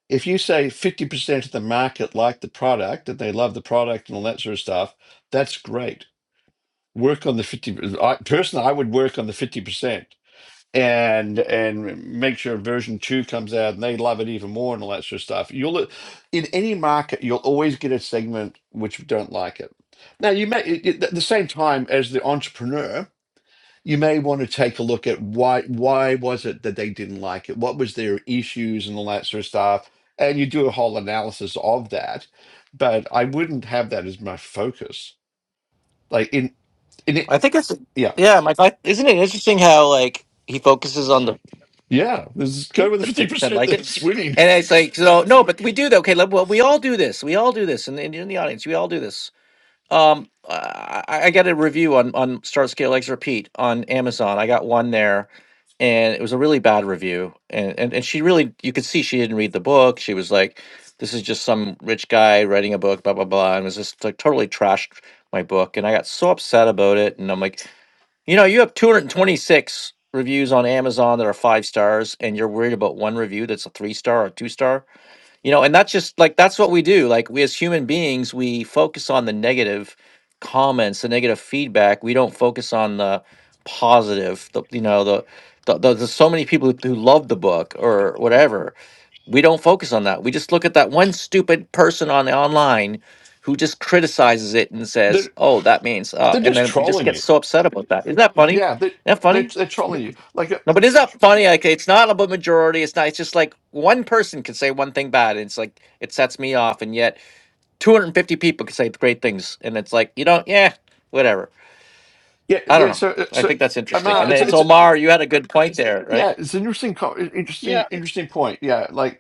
if you say 50% of the market like the product and they love the product and all that sort of stuff, that's great. Work on the 50 I, personally I would work on the 50% and and make sure version 2 comes out and they love it even more and all that sort of stuff. You'll in any market you'll always get a segment which don't like it. Now you may at the same time as the entrepreneur you may want to take a look at why why was it that they didn't like it what was their issues and all that sort of stuff and you do a whole analysis of that but i wouldn't have that as my focus like in in it
I think it's
yeah
yeah, Mike. I, isn't it interesting how like he focuses on the
yeah let's go
it,
with the
but fifty percent
50%
liked it,
that's winning
and it's like so no, but we do that. Okay, let- well, we all do this. We all do this, and in, in the audience, we all do this. Um, I, I got a review on on Start Scale X Repeat on Amazon. I got one there, and it was a really bad review. And and, and she really, you could see she didn't read the book. She was like, "This is just some rich guy writing a book, blah blah blah," and was just like totally trashed my book. And I got so upset about it. And I'm like, you know, you have 226 reviews on Amazon that are five stars, and you're worried about one review that's a three star or two star you know and that's just like that's what we do like we as human beings we focus on the negative comments the negative feedback we don't focus on the positive the you know the the, the, there's so many people who love the book or whatever. We don't focus on that. We just look at that one stupid person on the online who just criticizes it and says,
they're,
"Oh, that means," uh,
they're
and
just
then we just
trolling
get
you
so upset about that. Isn't that funny?
yeah they,
Isn't that funny?
they're, they're trolling you like uh,
No, but it's not funny. Like it's not about majority. It's not. It's just like one person can say one thing bad, and it's like it sets me off. And yet, two hundred and fifty people can say great things, and it's like you don't. Yeah, whatever.
yeah
I don't
yeah
know.
so uh,
I
so
think that's interesting.
Amar,
And then
it's
Uh,
it's
um,
it's
Omar. You had a good point there, right?
yeah, it's an interesting, co- interesting,
yeah,
interesting point. Yeah, like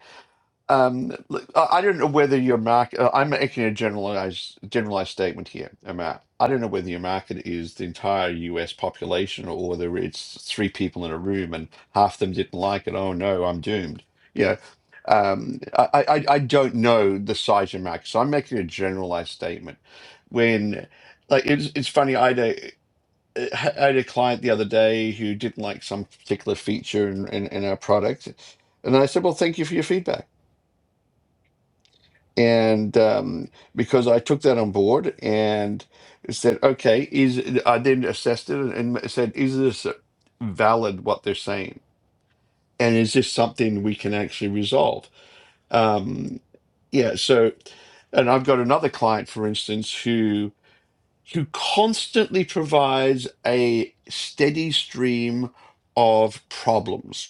Um, look, I I don't know whether your market. uh, I'm making a generalized generalized statement here, Matt. I don't know whether your market is the entire U.S. population or whether it's three people in a room and half them didn't like it. Oh no, I'm doomed. Yeah, um, I, I I I don't know the size of your market, so I'm making a generalized statement. When like it's it's funny, I had a uh, I had a client the other day who didn't like some particular feature in in, in our product, and I said, "Well, thank you for your feedback." and um, because I took that on board and said, okay, is I then assessed it and said, is this valid what they're saying, and is this something we can actually resolve? Um, yeah, so, and I've got another client, for instance, who who constantly provides a steady stream of problems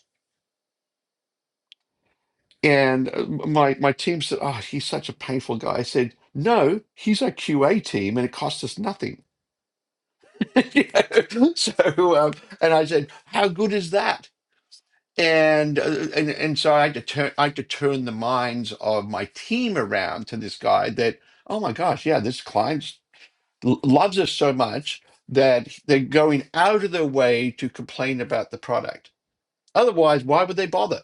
And uh, my my team said, "Oh, he's such a painful guy." I said, "No, he's our QA team, and it costs us nothing." (laughs) You know? So, um, and I said, "How good is that?" And uh, and and so I had to turn I had to turn the minds of my team around to this guy that, oh my gosh, yeah, this client l- loves us so much that they're going out of their way to complain about the product. Otherwise, why would they bother?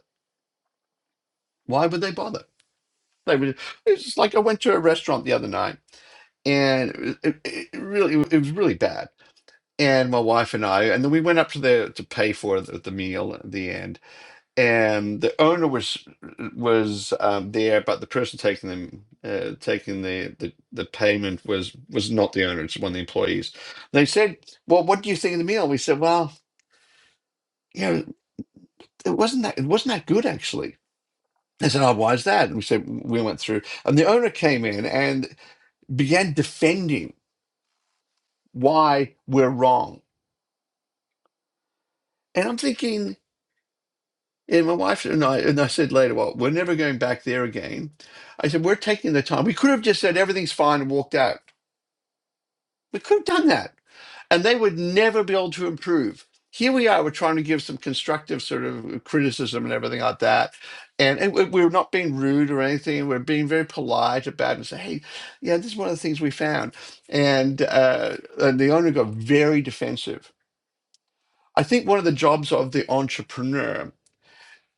Why would they bother? They would. It's just like I went to a restaurant the other night and it, it, it really it was really bad. And my wife and I, and then we went up to the to pay for the, the meal at the end, and the owner was was um, there, but the person taking them uh, taking the, the the payment was was not the owner; it's one of the employees. They said, "Well, what do you think of the meal?" We said, "Well, you know, it wasn't that it wasn't that good actually." They said, "Oh, why is that?" And we said we went through, and the owner came in and began defending why we're wrong And I'm thinking, and my wife and I, and I said later, well, we're never going back there again. I said, we're taking the time. We could have just said everything's fine and walked out. We could have done that. And they would never be able to improve. Here we are, we're trying to give some constructive sort of criticism and everything like that. And, and we- we're not being rude or anything. We're being very polite about it and say, hey, yeah, this is one of the things we found. And, uh, and the owner got very defensive. I think one of the jobs of the entrepreneur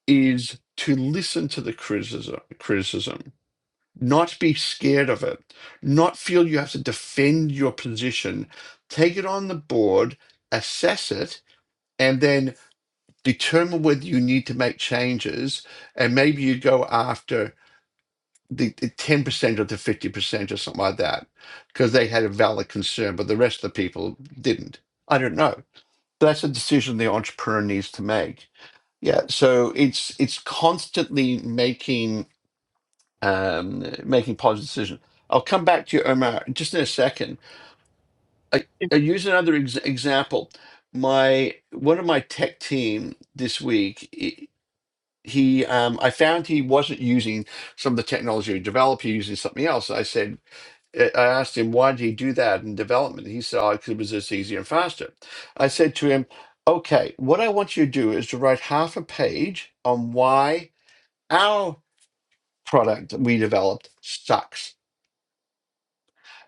is to listen to the criticism criticism not be scared of it not feel you have to defend your position take it on the board assess it and then determine whether you need to make changes and maybe you go after the, the 10% or the 50% or something like that because they had a valid concern but the rest of the people didn't i don't know that's a decision the entrepreneur needs to make yeah, so it's it's constantly making um, making positive decisions. I'll come back to you, Omar, just in a second. I, I use another ex- example. My one of my tech team this week. i- He, um, I found he wasn't using some of the technology we developed. He was using something else. I said, I I asked him why did he do that in development. He said, "Oh, 'cause it was just easier and faster." I said to him, "Okay, what I want you to do is to write half a page on why our product we developed sucks."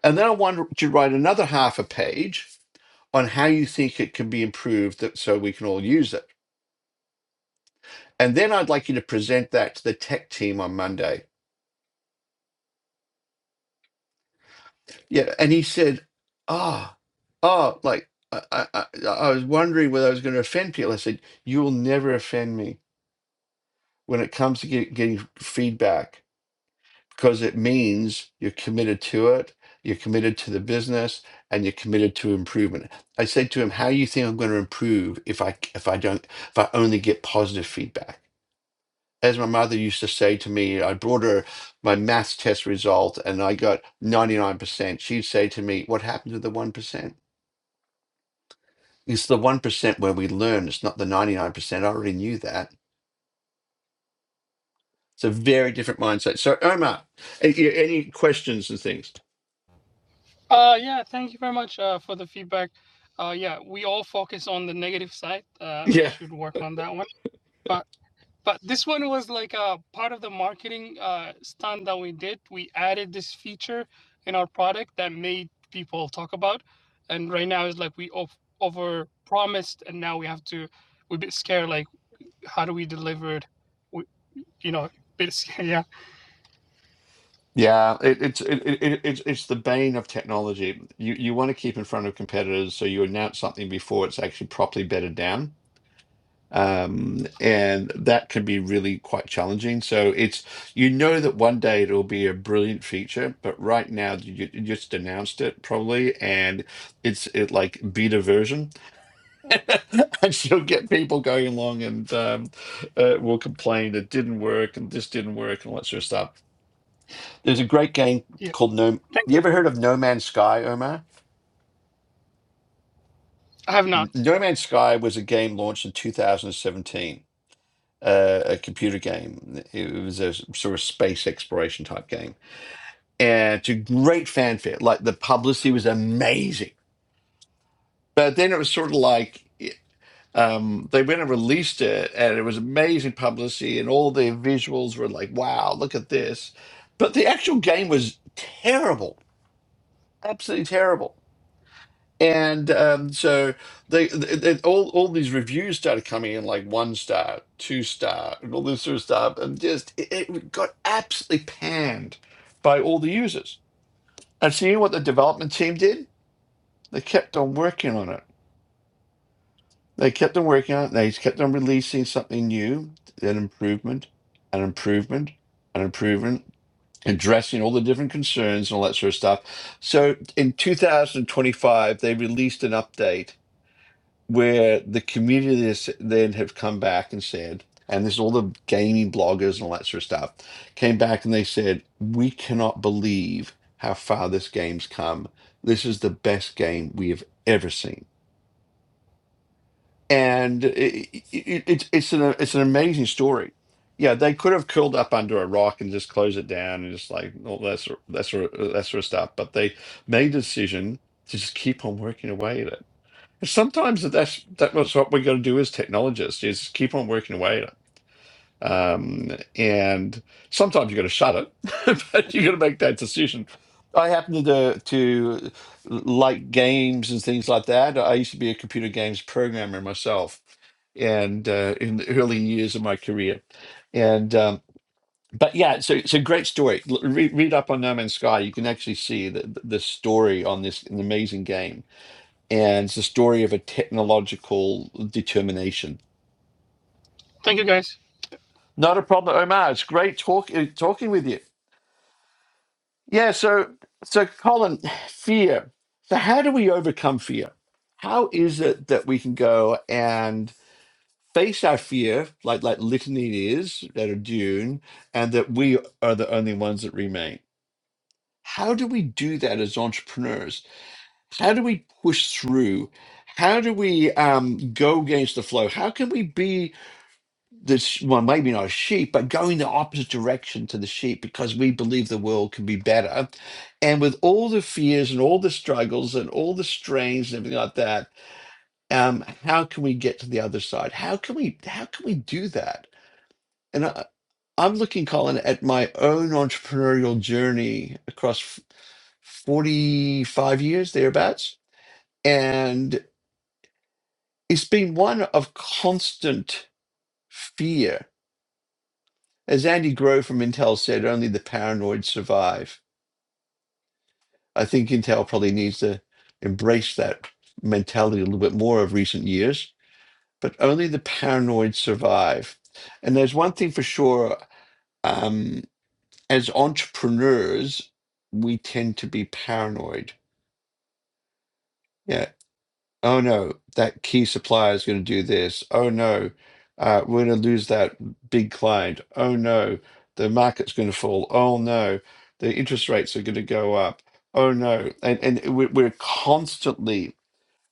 And then I wanted to write another half a page on how you think it can be improved that, so we can all use it. And then I'd like you to present that to the tech team on Monday. Yeah. And he said, ah, oh, oh, like, I, I, I I was wondering whether I was going to offend people. I said, you will never offend me when it comes to get, getting feedback because it means you're committed to it, you're committed to the business, and you're committed to improvement. I said to him, "How do you think I'm going to improve if I if I don't if I only get positive feedback?" As my mother used to say to me, I brought her my maths test result and I got 99%. She'd say to me, What happened to the 1%? It's the 1% where we learn, it's not the 99%. I already knew that. It's a very different mindset. So, Omar, a- a- any questions and things?
uh, yeah, thank you very much uh, for the feedback. Uh, yeah, we all focus on the negative side. Uh, I
Yeah.
should work on that one. But But this one was like a part of the marketing uh, stunt that we did. We added this feature in our product that made people talk about, and right now it's like we ov- over promised, and now we have to. We're a bit scared. Like, how do we deliver it? We, you know, a bit (laughs) scared. Yeah,
Yeah, it, it's it, it, it- it's it's the bane of technology. You you want to keep in front of competitors, so you announce something before it's actually properly bedded down. Um, and that can be really quite challenging. So it's you know that one day it'll be a brilliant feature, but right now you, you just announced it probably, and it's it like beta version, (laughs) and you'll get people going along and um, uh, will complain it didn't work and this didn't work and all that sort of stuff there's a great game
yeah.
called No.
Thank
You
you.
ever heard of No Man's Sky, Omar?
I have
N-
not.
No Man's Sky was a game launched in 2017, uh, a computer game. It was a s- sort of space exploration type game, and to great fanfare. Like the publicity was amazing, but then it was sort of like. it- Um, they went and released it, and it was amazing publicity, and all the visuals were like, "Wow, look at this!" But the actual game was terrible, absolutely terrible And um, so they, they, they- all all these reviews started coming in like one star, two star, and all this sort of stuff, and just it, it got absolutely panned by all the users. And so you know what the development team did? They kept on working on it. They kept on working on it. They kept on releasing something new, an improvement, an improvement, an improvement, addressing all the different concerns and all that sort of stuff. So in 2025, they released an update where the community is, then have come back and said, and there's all the gaming bloggers and all that sort of stuff, came back and they said, we cannot believe how far this game's come. This is the best game we have ever seen. And it, it, it's it's an it's an amazing story. Yeah, they could have curled up under a rock and just closed it down and just like all that sort, that sort of, that sort of stuff. But they made a decision to just keep on working away at it Sometimes that's that was what we got to do as technologists is keep on working away at it. Um, and sometimes you got to shut it, (laughs) but you got to make that decision. I happen to to like games and things like that. I used to be a computer games programmer myself, and uh, in the early years of my career, and um, but yeah, so it's a great story. L- Read, read up on No Man's Sky. You can actually see the the the story on this an amazing game and it's a story of a technological determination.
Thank you, guys.
Not a problem, Omar. It's great talk, uh, talking with you. Yeah. So, so Colin, fear. So, how do we overcome fear? How is it that we can go and face our fear, like like litany is at a dune, and that we are the only ones that remain? How do we do that as entrepreneurs? How do we push through? How do we um, go against the flow? How can we be? this well maybe not a sheep but going the opposite direction to the sheep because we believe the world can be better and with all the fears and all the struggles and all the strains and everything like that um how can we get to the other side how can we how can we do that and I, i'm looking colin at my own entrepreneurial journey across f- 45 years thereabouts and it's been one of constant fear As Andy Grove from Intel said, only the paranoid survive. I think Intel probably needs to embrace that mentality a little bit more of recent years, but only the paranoid survive. And there's one thing for sure um, as entrepreneurs, we tend to be paranoid. Yeah. oh no, that key supplier is going to do this. Oh no, uh, we're going to lose that big client. Oh no, the market's going to fall. Oh no, the interest rates are going to go up. Oh no, and and we're, we're constantly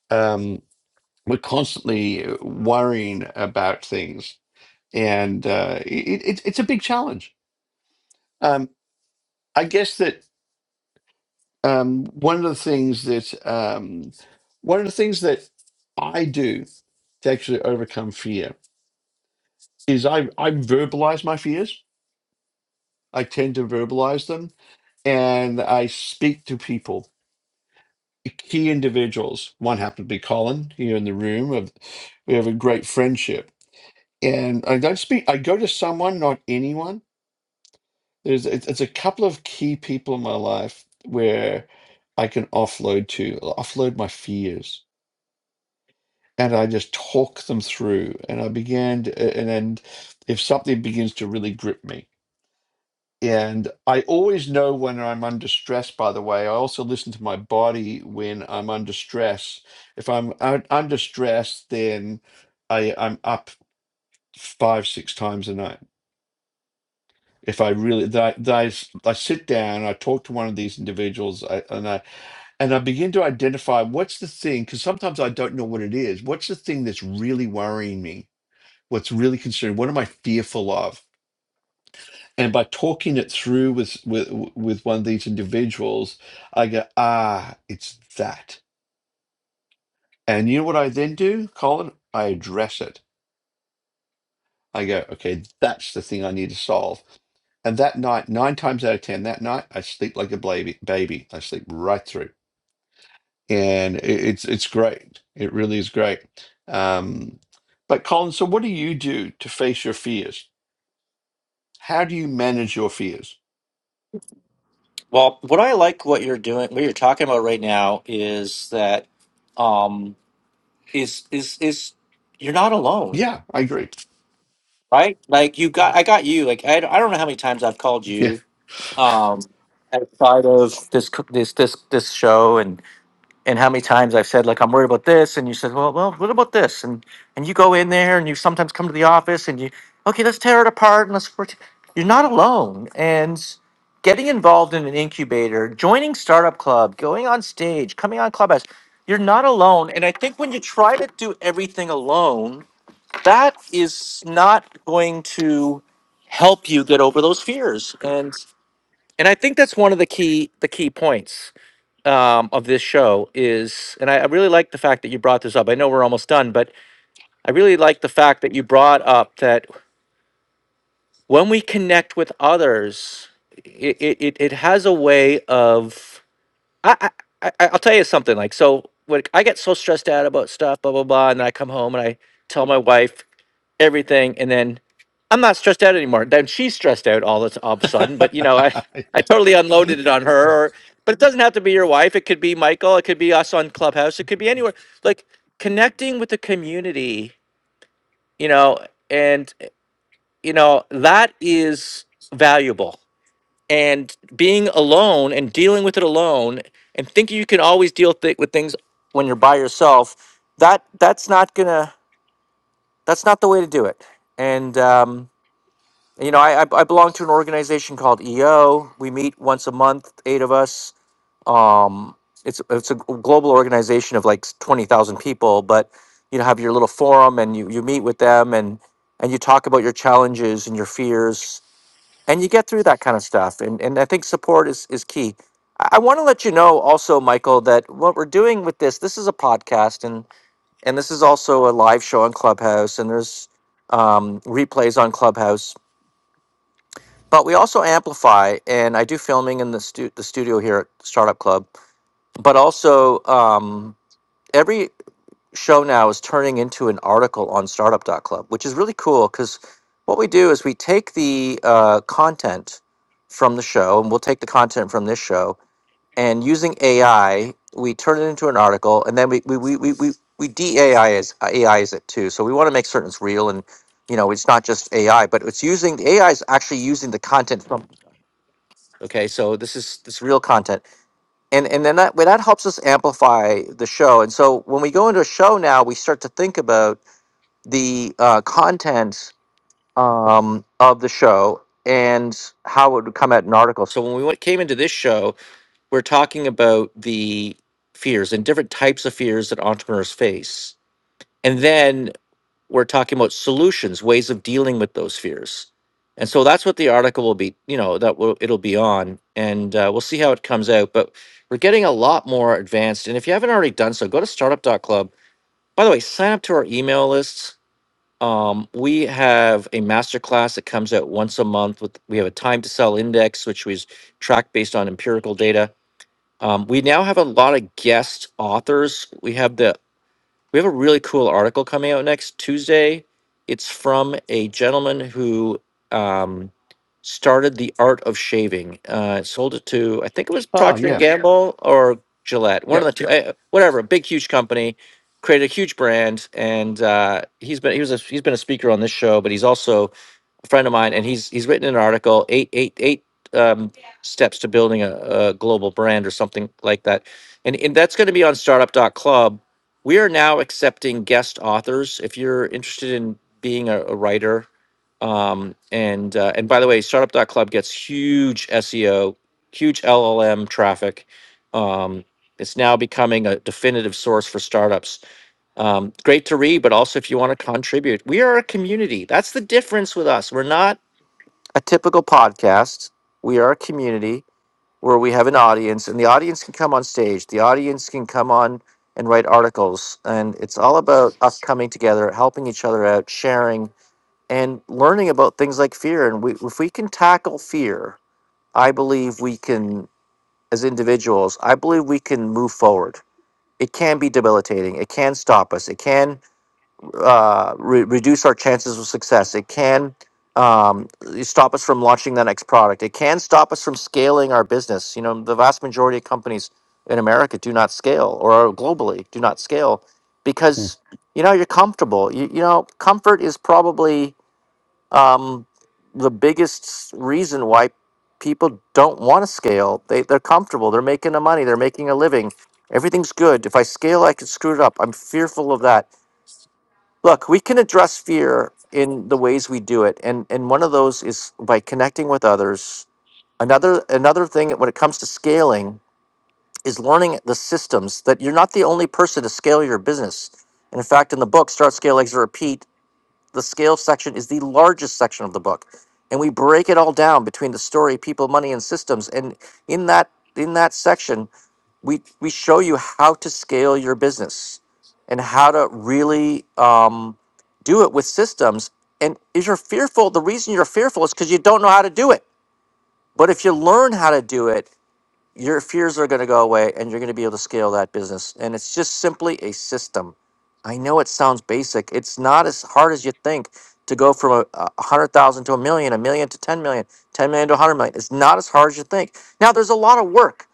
um, we're constantly worrying about things, and uh, it, it, it's a big challenge. Um, I guess that um, one of the things that um, one of the things that I do to actually overcome fear is I I verbalize my fears. I tend to verbalize them, and I speak to people, key individuals. One happened to be Colin here in the room. Of we have a great friendship, and I don't speak. I go to someone, not anyone. There's it's it's a couple of key people in my life where I can offload to offload my fears, and I just talk them through, and I began, to, and and if something begins to really grip me. And I always know when I'm under stress, by the way. I also listen to my body when I'm under stress. If I'm out under stress, then I, I'm up five, six times a night. If I really, that, that is, I sit down, I talk to one of these individuals, I, and I and I begin to identify what's the thing, because sometimes I don't know what it is. What's the thing that's really worrying me? What's really concerning? What am I fearful of? and by talking it through with with with one of these individuals i go ah it's that and you know what i then do colin i address it i go okay that's the thing i need to solve and that night nine times out of ten that night i sleep like a baby baby i sleep right through and i- it's it's great it really is great um but colin so what do you do to face your fears how do you manage your fears
Well, what I like what you're doing, what you're talking about right now is that um is is is you're not alone,
yeah i agree
right? Like you got I got you. Like I, I don't know how many times I've called
yeah
you um, outside of this co- this this this show and and how many times I've said like I'm worried about this and you said well well what about this and and you go in there and you sometimes come to the office and you okay let's tear it apart and let's work. you're not alone and getting involved in an incubator joining startup club going on stage coming on clubhouse you're not alone and I think when you try to do everything alone that is not going to help you get over those fears And and I think that's one of the key the key points um, of this show is, and I, I really like the fact that you brought this up. I know we're almost done, but I really like the fact that you brought up that when we connect with others, it it, it has a way of I, I I I- I'll tell you something like so. When I get so stressed out about stuff, blah blah blah, and I come home and I tell my wife everything and then i'm not stressed out anymore then she's stressed out all this all of a sudden but you
(laughs)
know i i totally
Yeah.
unloaded it on her or, but it doesn't have to be your wife it could be michael it could be us on clubhouse it could be anywhere like connecting with the community you know and you know that is valuable and being alone and dealing with it alone and thinking you can always deal th- with things when you're by yourself that that's not gonna that's not the way to do it and um you know, I, I I belong to an organization called EO. We meet once a month, eight of us. Um, it's it's a global organization of like twenty thousand people, but you know, have your little forum and you you meet with them and and you talk about your challenges and your fears and you get through that kind of stuff. And and I think support is is key. I, I want to let you know also, Michael, that what we're doing with this this is a podcast and and this is also a live show on Clubhouse and there's um, replays on Clubhouse but we also amplify and i do filming in the, stu- the studio here at startup club but also um, every show now is turning into an article on Startup dot Club, which is really cool because what we do is we take the uh, content from the show and we'll take the content from this show and using ai we turn it into an article and then we we we we, we we AI is AI is it too, so we want to make certain it's real and you know it's not just AI, but it's using the AI is actually using the content from Okay, so this is this real content, and and then that well, that helps us amplify the show. And so when we go into a show now, we start to think about the uh, content um, of the show and how it would come out in an article. So when we went, came into this show, we're talking about the fears and different types of fears that entrepreneurs face, and then we're talking about solutions, ways of dealing with those fears. And so that's what the article will be, you know, that will, it'll be on, and uh, we'll see how it comes out. But we're getting a lot more advanced. And if you haven't already done so, go to Startup dot Club. By the way, sign up to our email lists. Um, we have a masterclass that comes out once a month. With we have a time to sell index, which we track based on empirical data. Um, we now have a lot of guest authors. We have the we have a really cool article coming out next Tuesday. It's from a gentleman who um, started the art of shaving. Uh, sold it to I think it was
Oh,
Procter and
yeah.
Gamble or Gillette, one of
Yep.
the two, eh, whatever. A big, huge company created a huge brand, and uh, he's been he was a, he's been a speaker on this show, but he's also a friend of mine, and he's he's written an article eight eight eight um, steps to building a, a global brand or something like that, and and that's going to be on startup dot club. We are now accepting guest authors. If you're interested in being a, a writer, um, and uh, and by the way, startup dot club gets huge SEO, huge LLM traffic. Um, it's now becoming a definitive source for startups um, great to read, but also if you want to contribute, we are a community. That's the difference with us. We're not a typical podcast. We are a community where we have an audience, and the audience can come on stage. The audience can come on and write articles, and it's all about us coming together, helping each other out, sharing, and learning about things like fear. And we, if we can tackle fear, I believe we can, as individuals, I believe we can move forward. It can be debilitating. It can stop us. It can uh, re- reduce our chances of success. It can um, stop us from launching the next product. It can stop us from scaling our business. You know, the vast majority of companies in America do not scale, or globally do not scale,
Hmm.
because you know you're comfortable. You, you know, comfort is probably um, the biggest reason why people don't want to scale. They they're comfortable. They're making the money. They're making a living. Everything's good. If I scale, I could screw it up. I'm fearful of that Look, we can address fear in the ways we do it, and and one of those is by connecting with others. Another another thing when it comes to scaling is learning the systems that you're not the only person to scale your business. And in fact, in the book, Start Scale Exit Repeat, the scale section is the largest section of the book, and we break it all down between the story, people, money, and systems. And in that in that section, we we show you how to scale your business and how to really um, do it with systems. And if you're fearful, the reason you're fearful is because you don't know how to do it. But if you learn how to do it, your fears are going to go away and you're going to be able to scale that business. And it's just simply a system. I know it sounds basic. It's not as hard as you think to go from a, a hundred thousand to a million, a million to ten million, ten million to a hundred million. It's not as hard as you think. Now there's a lot of work,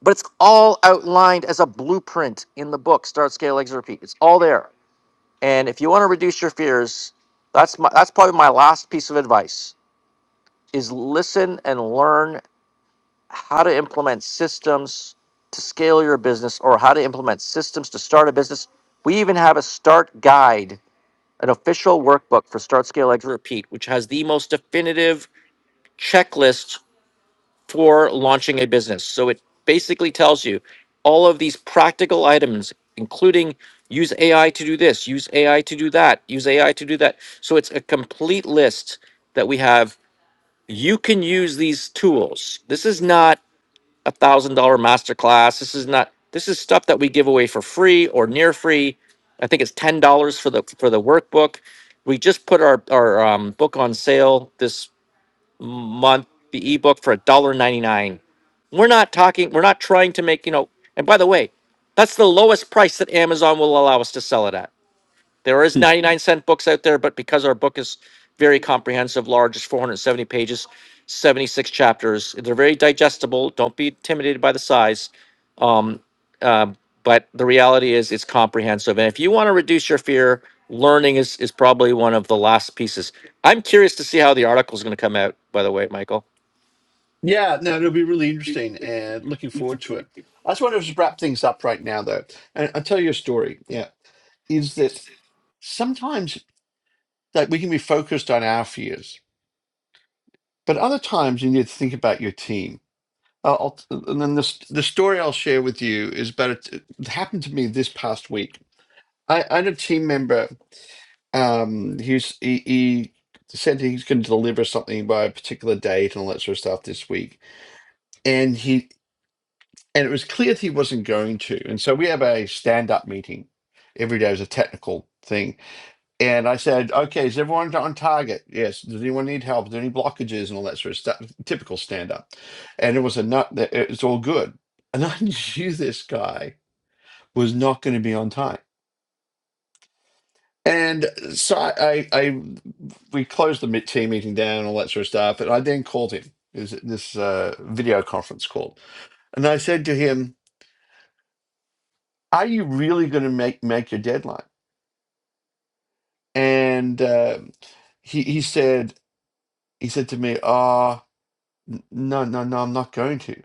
but it's all outlined as a blueprint in the book, Start, Scale, Exit, Repeat. It's all there. And if you want to reduce your fears, that's my, that's probably my last piece of advice is listen and learn how to implement systems to scale your business or how to implement systems to start a business. We even have a start guide, an official workbook for Start, Scale, Exit, Repeat, which has the most definitive checklist for launching a business. So it basically tells you all of these practical items, including use AI to do this, use AI to do that, use AI to do that. So it's a complete list that we have. You can use these tools. This is not a thousand dollar masterclass. This is not this is stuff that we give away for free or near free. I think it's ten dollars for the for the workbook. We just put our our um, book on sale this month, the ebook for a dollar ninety nine. We're not talking. We're not trying to make you know. And by the way, that's the lowest price that Amazon will allow us to sell it at. There is ninety nine cent books out there, but because our book is very comprehensive, large, it's four hundred seventy pages, seventy six chapters. They're very digestible. Don't be intimidated by the size um, uh, but the reality is, it's comprehensive. And if you want to reduce your fear, learning is is probably one of the last pieces. I'm curious to see how the article is going to come out. By the way, Michael,
Yeah, no, it'll be really interesting and looking forward to it. I just want to just wrap things up right now, though, and I'll tell you a story. Yeah, is that sometimes like we can be focused on our fears, but other times you need to think about your team. Uh, I'll, and then this, the story I'll share with you is about it, it happened to me this past week. I, I had a team member. Um, he's he, he said he's going to deliver something by a particular date and all that sort of stuff this week, and he. and it was clear that he wasn't going to. And so we have a stand-up meeting every day as a technical thing. And I said, "Okay, is everyone on target? Yes. Does anyone need help? Is there any blockages and all that sort of stuff? Typical stand-up." And it was a nut. that It's all good. And I (laughs) knew this guy was not going to be on time. And so I, I, I we closed the mid- team meeting down, all that sort of stuff. And I then called him. It was this uh, video conference call? And I said to him, "Are you really going to make make your deadline?" and uh, he he said he said to me, "Ah, n no, no, no, I'm not going to."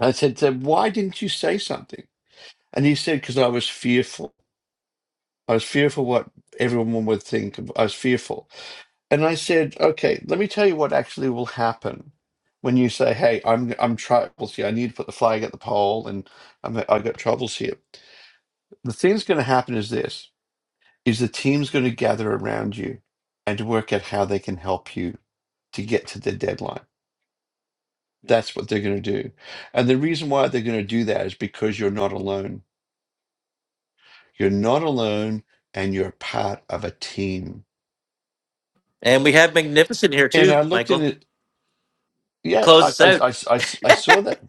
I said, "So why didn't you say something?" And he said, "Because I was fearful. I was fearful what everyone would think. I was fearful." And I said, "Okay, let me tell you what actually will happen." When you say, "Hey, I'm I'm troubles here. I need to put the flag at the pole, and I'm I got troubles here," the thing that's going to happen is this: is the team's going to gather around you and to work out how they can help you to get to the deadline. That's what they're going to do. And the reason why they're going to do that is because you're not alone. You're not alone and you're part of a team.
and we have magnificent here
And
too,
I looked at
Michael,
it.
to
Yeah,
close
I,
us
I,
out.
I, I, I saw that.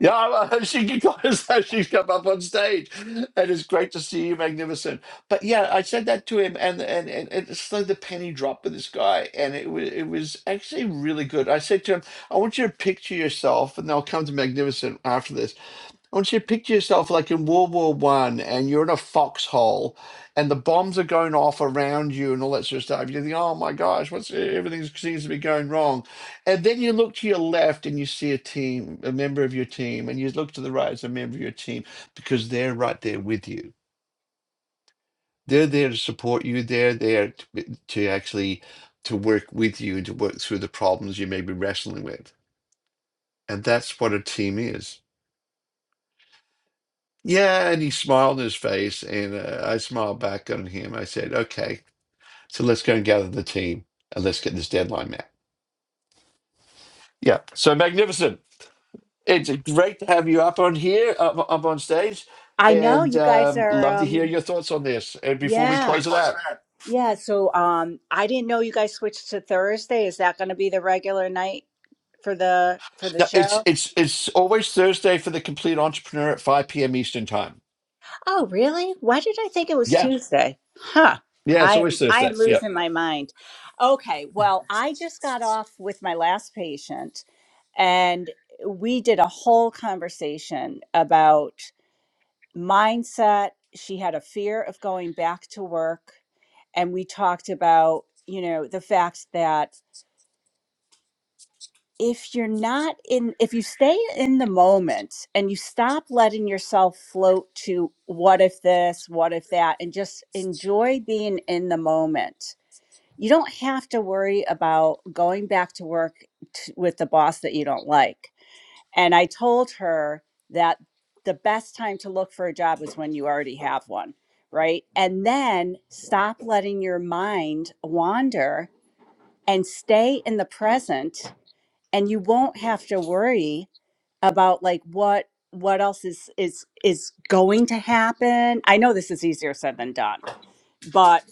Yeah, I- I- (laughs) she has she's (laughs) come up on stage, and it's great to see you, magnificent. But yeah, I said that to him, and and and and it's like the penny dropped with this guy, and it was it was actually really good. I said to him, I want you to picture yourself, and I'll come to magnificent after this I want you to picture yourself like in World War One, and you're in a foxhole, and the bombs are going off around you, and all that sort of stuff. You think, "Oh my gosh, what's everything seems to be going wrong," and then you look to your left and you see a team, a member of your team, and you look to the right as a member of your team because they're right there with you. They're there to support you. They're there to, to actually to work with you and to work through the problems you may be wrestling with, and that's what a team is. Yeah, and he smiled in his face, and uh, I smiled back on him. I said, "Okay, so let's go and gather the team, and let's get this deadline met." Yeah, so magnificent! It's great to have you up on here, up, up on stage,
I know
and
you guys
um,
are
love to hear
um
your thoughts on this. And before we
yeah.
close it out,
Yeah, so um I didn't know you guys switched to Thursday. Is that going to be the regular night for the for the
yeah, it's
show?
it's it's always Thursday for the complete entrepreneur at five p.m. Eastern time.
Oh, really? Why did I think it was
Yeah,
Tuesday? Huh.
yeah, it's
I
always
am I am
Thursdays. Yeah.
losing my mind. Okay, well, I just got off with my last patient and we did a whole conversation about. mindset. She had a fear of going back to work. And we talked about, you know, the fact that if you're not in, if you stay in the moment and you stop letting yourself float to what if this, what if that, and just enjoy being in the moment, you don't have to worry about going back to work t- with the boss that you don't like and I told her that the best time to look for a job is when you already have one, right? And then stop letting your mind wander and stay in the present and you won't have to worry about like what what else is is is going to happen. I know this is easier said than done, but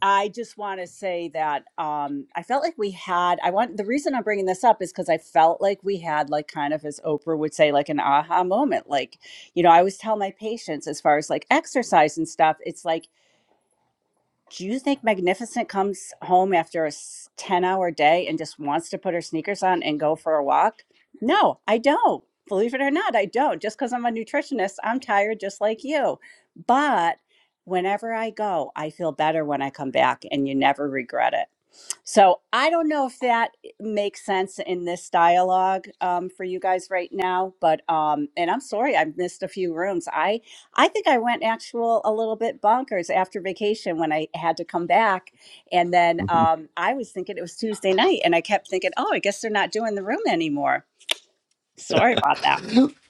I just want to say that um, I felt like we had. I want the reason I'm bringing this up is because I felt like we had, like, kind of as Oprah would say, like an aha moment. Like, you know, I always tell my patients as far as like exercise and stuff. It's like do you think Magnificent comes home after a 10 hour day and just wants to put her sneakers on and go for a walk? No, I don't. Believe it or not, I don't. Just because I'm a nutritionist, I'm tired just like you. But whenever I go, I feel better when I come back, and you never regret it. So I don't know if that makes sense in this dialogue um, for you guys right now, but um, and I'm sorry I missed a few rooms. I I think I went actual a little bit bonkers after vacation when I had to come back, and then
(laughs)
um, I was thinking it was Tuesday night, and I kept thinking, oh, I guess they're not doing the room anymore. Sorry about that.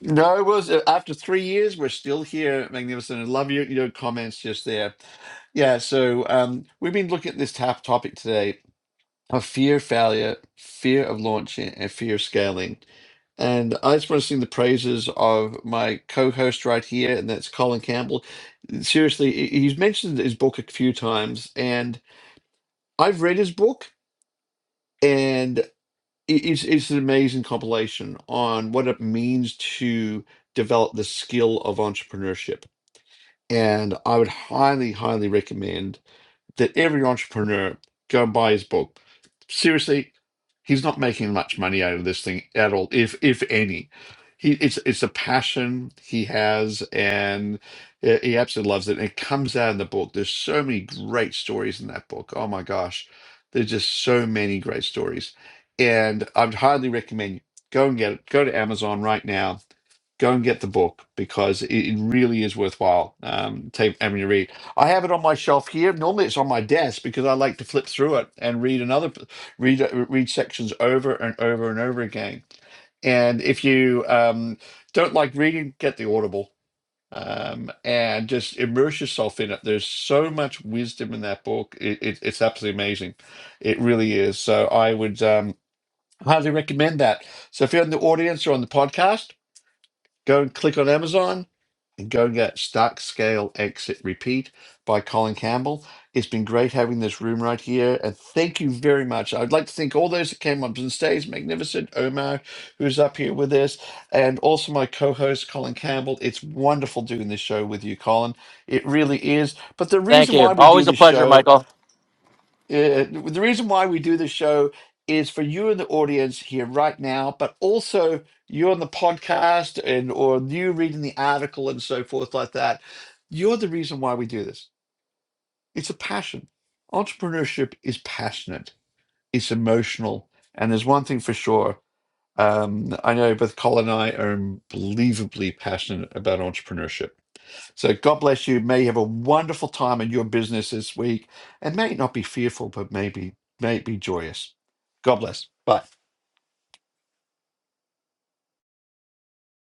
no, it was uh, after three years. We're still here, magnificent. I love your your comments just there Yeah, so um, we've been looking at this tap topic today of fear of failure, fear of launching, and fear of scaling. And I just want to sing the praises of my co-host right here, and that's Colin Campbell. Seriously, he- he's mentioned his book a few times, and I've read his book, and it- it's it's an amazing compilation on what it means to develop the skill of entrepreneurship. And I would highly, highly recommend. that every entrepreneur go and buy his book. Seriously, he's not making much money out of this thing at all, if if any. He it's it's a passion he has, and he he absolutely loves it. And it comes out in the book. There's so many great stories in that book. Oh my gosh, there's just so many great stories, and I'd highly recommend you go and get it. Go to Amazon right now go and get the book because it, it really is worthwhile um, take, having a read. I have it on my shelf here. Normally, it's on my desk because I like to flip through it and read another read read sections over and over and over again. And if you um, don't like reading, get the Audible um, and just immerse yourself in it. There's so much wisdom in that book. It, it, it's absolutely amazing. It really is. So I would um, highly recommend that. So if you're in the audience or on the podcast. Go and click on Amazon and go and get Stack Scale Exit Repeat by Colin Campbell. It's been great having this room right here. And thank you very much. I'd like to thank all those that came up on stage, Magnificent Omar, who's up here with us, and also my co host, Colin Campbell. It's wonderful doing this show with you, Colin. It really is. But the
Thank
reason
you.
why we do
Always a
this
pleasure,
show
Michael.
uh, the reason why we do this show is for you in the audience here right now, but also you on the podcast and or you reading the article and so forth like that. You're the reason why we do this. It's a passion. Entrepreneurship is passionate. It's emotional. And there's one thing for sure. Um, I know both Colin and I are unbelievably passionate about entrepreneurship so God bless you. May you have a wonderful time in your business this week. And may it not be fearful, but maybe may it be joyous. God bless. Bye.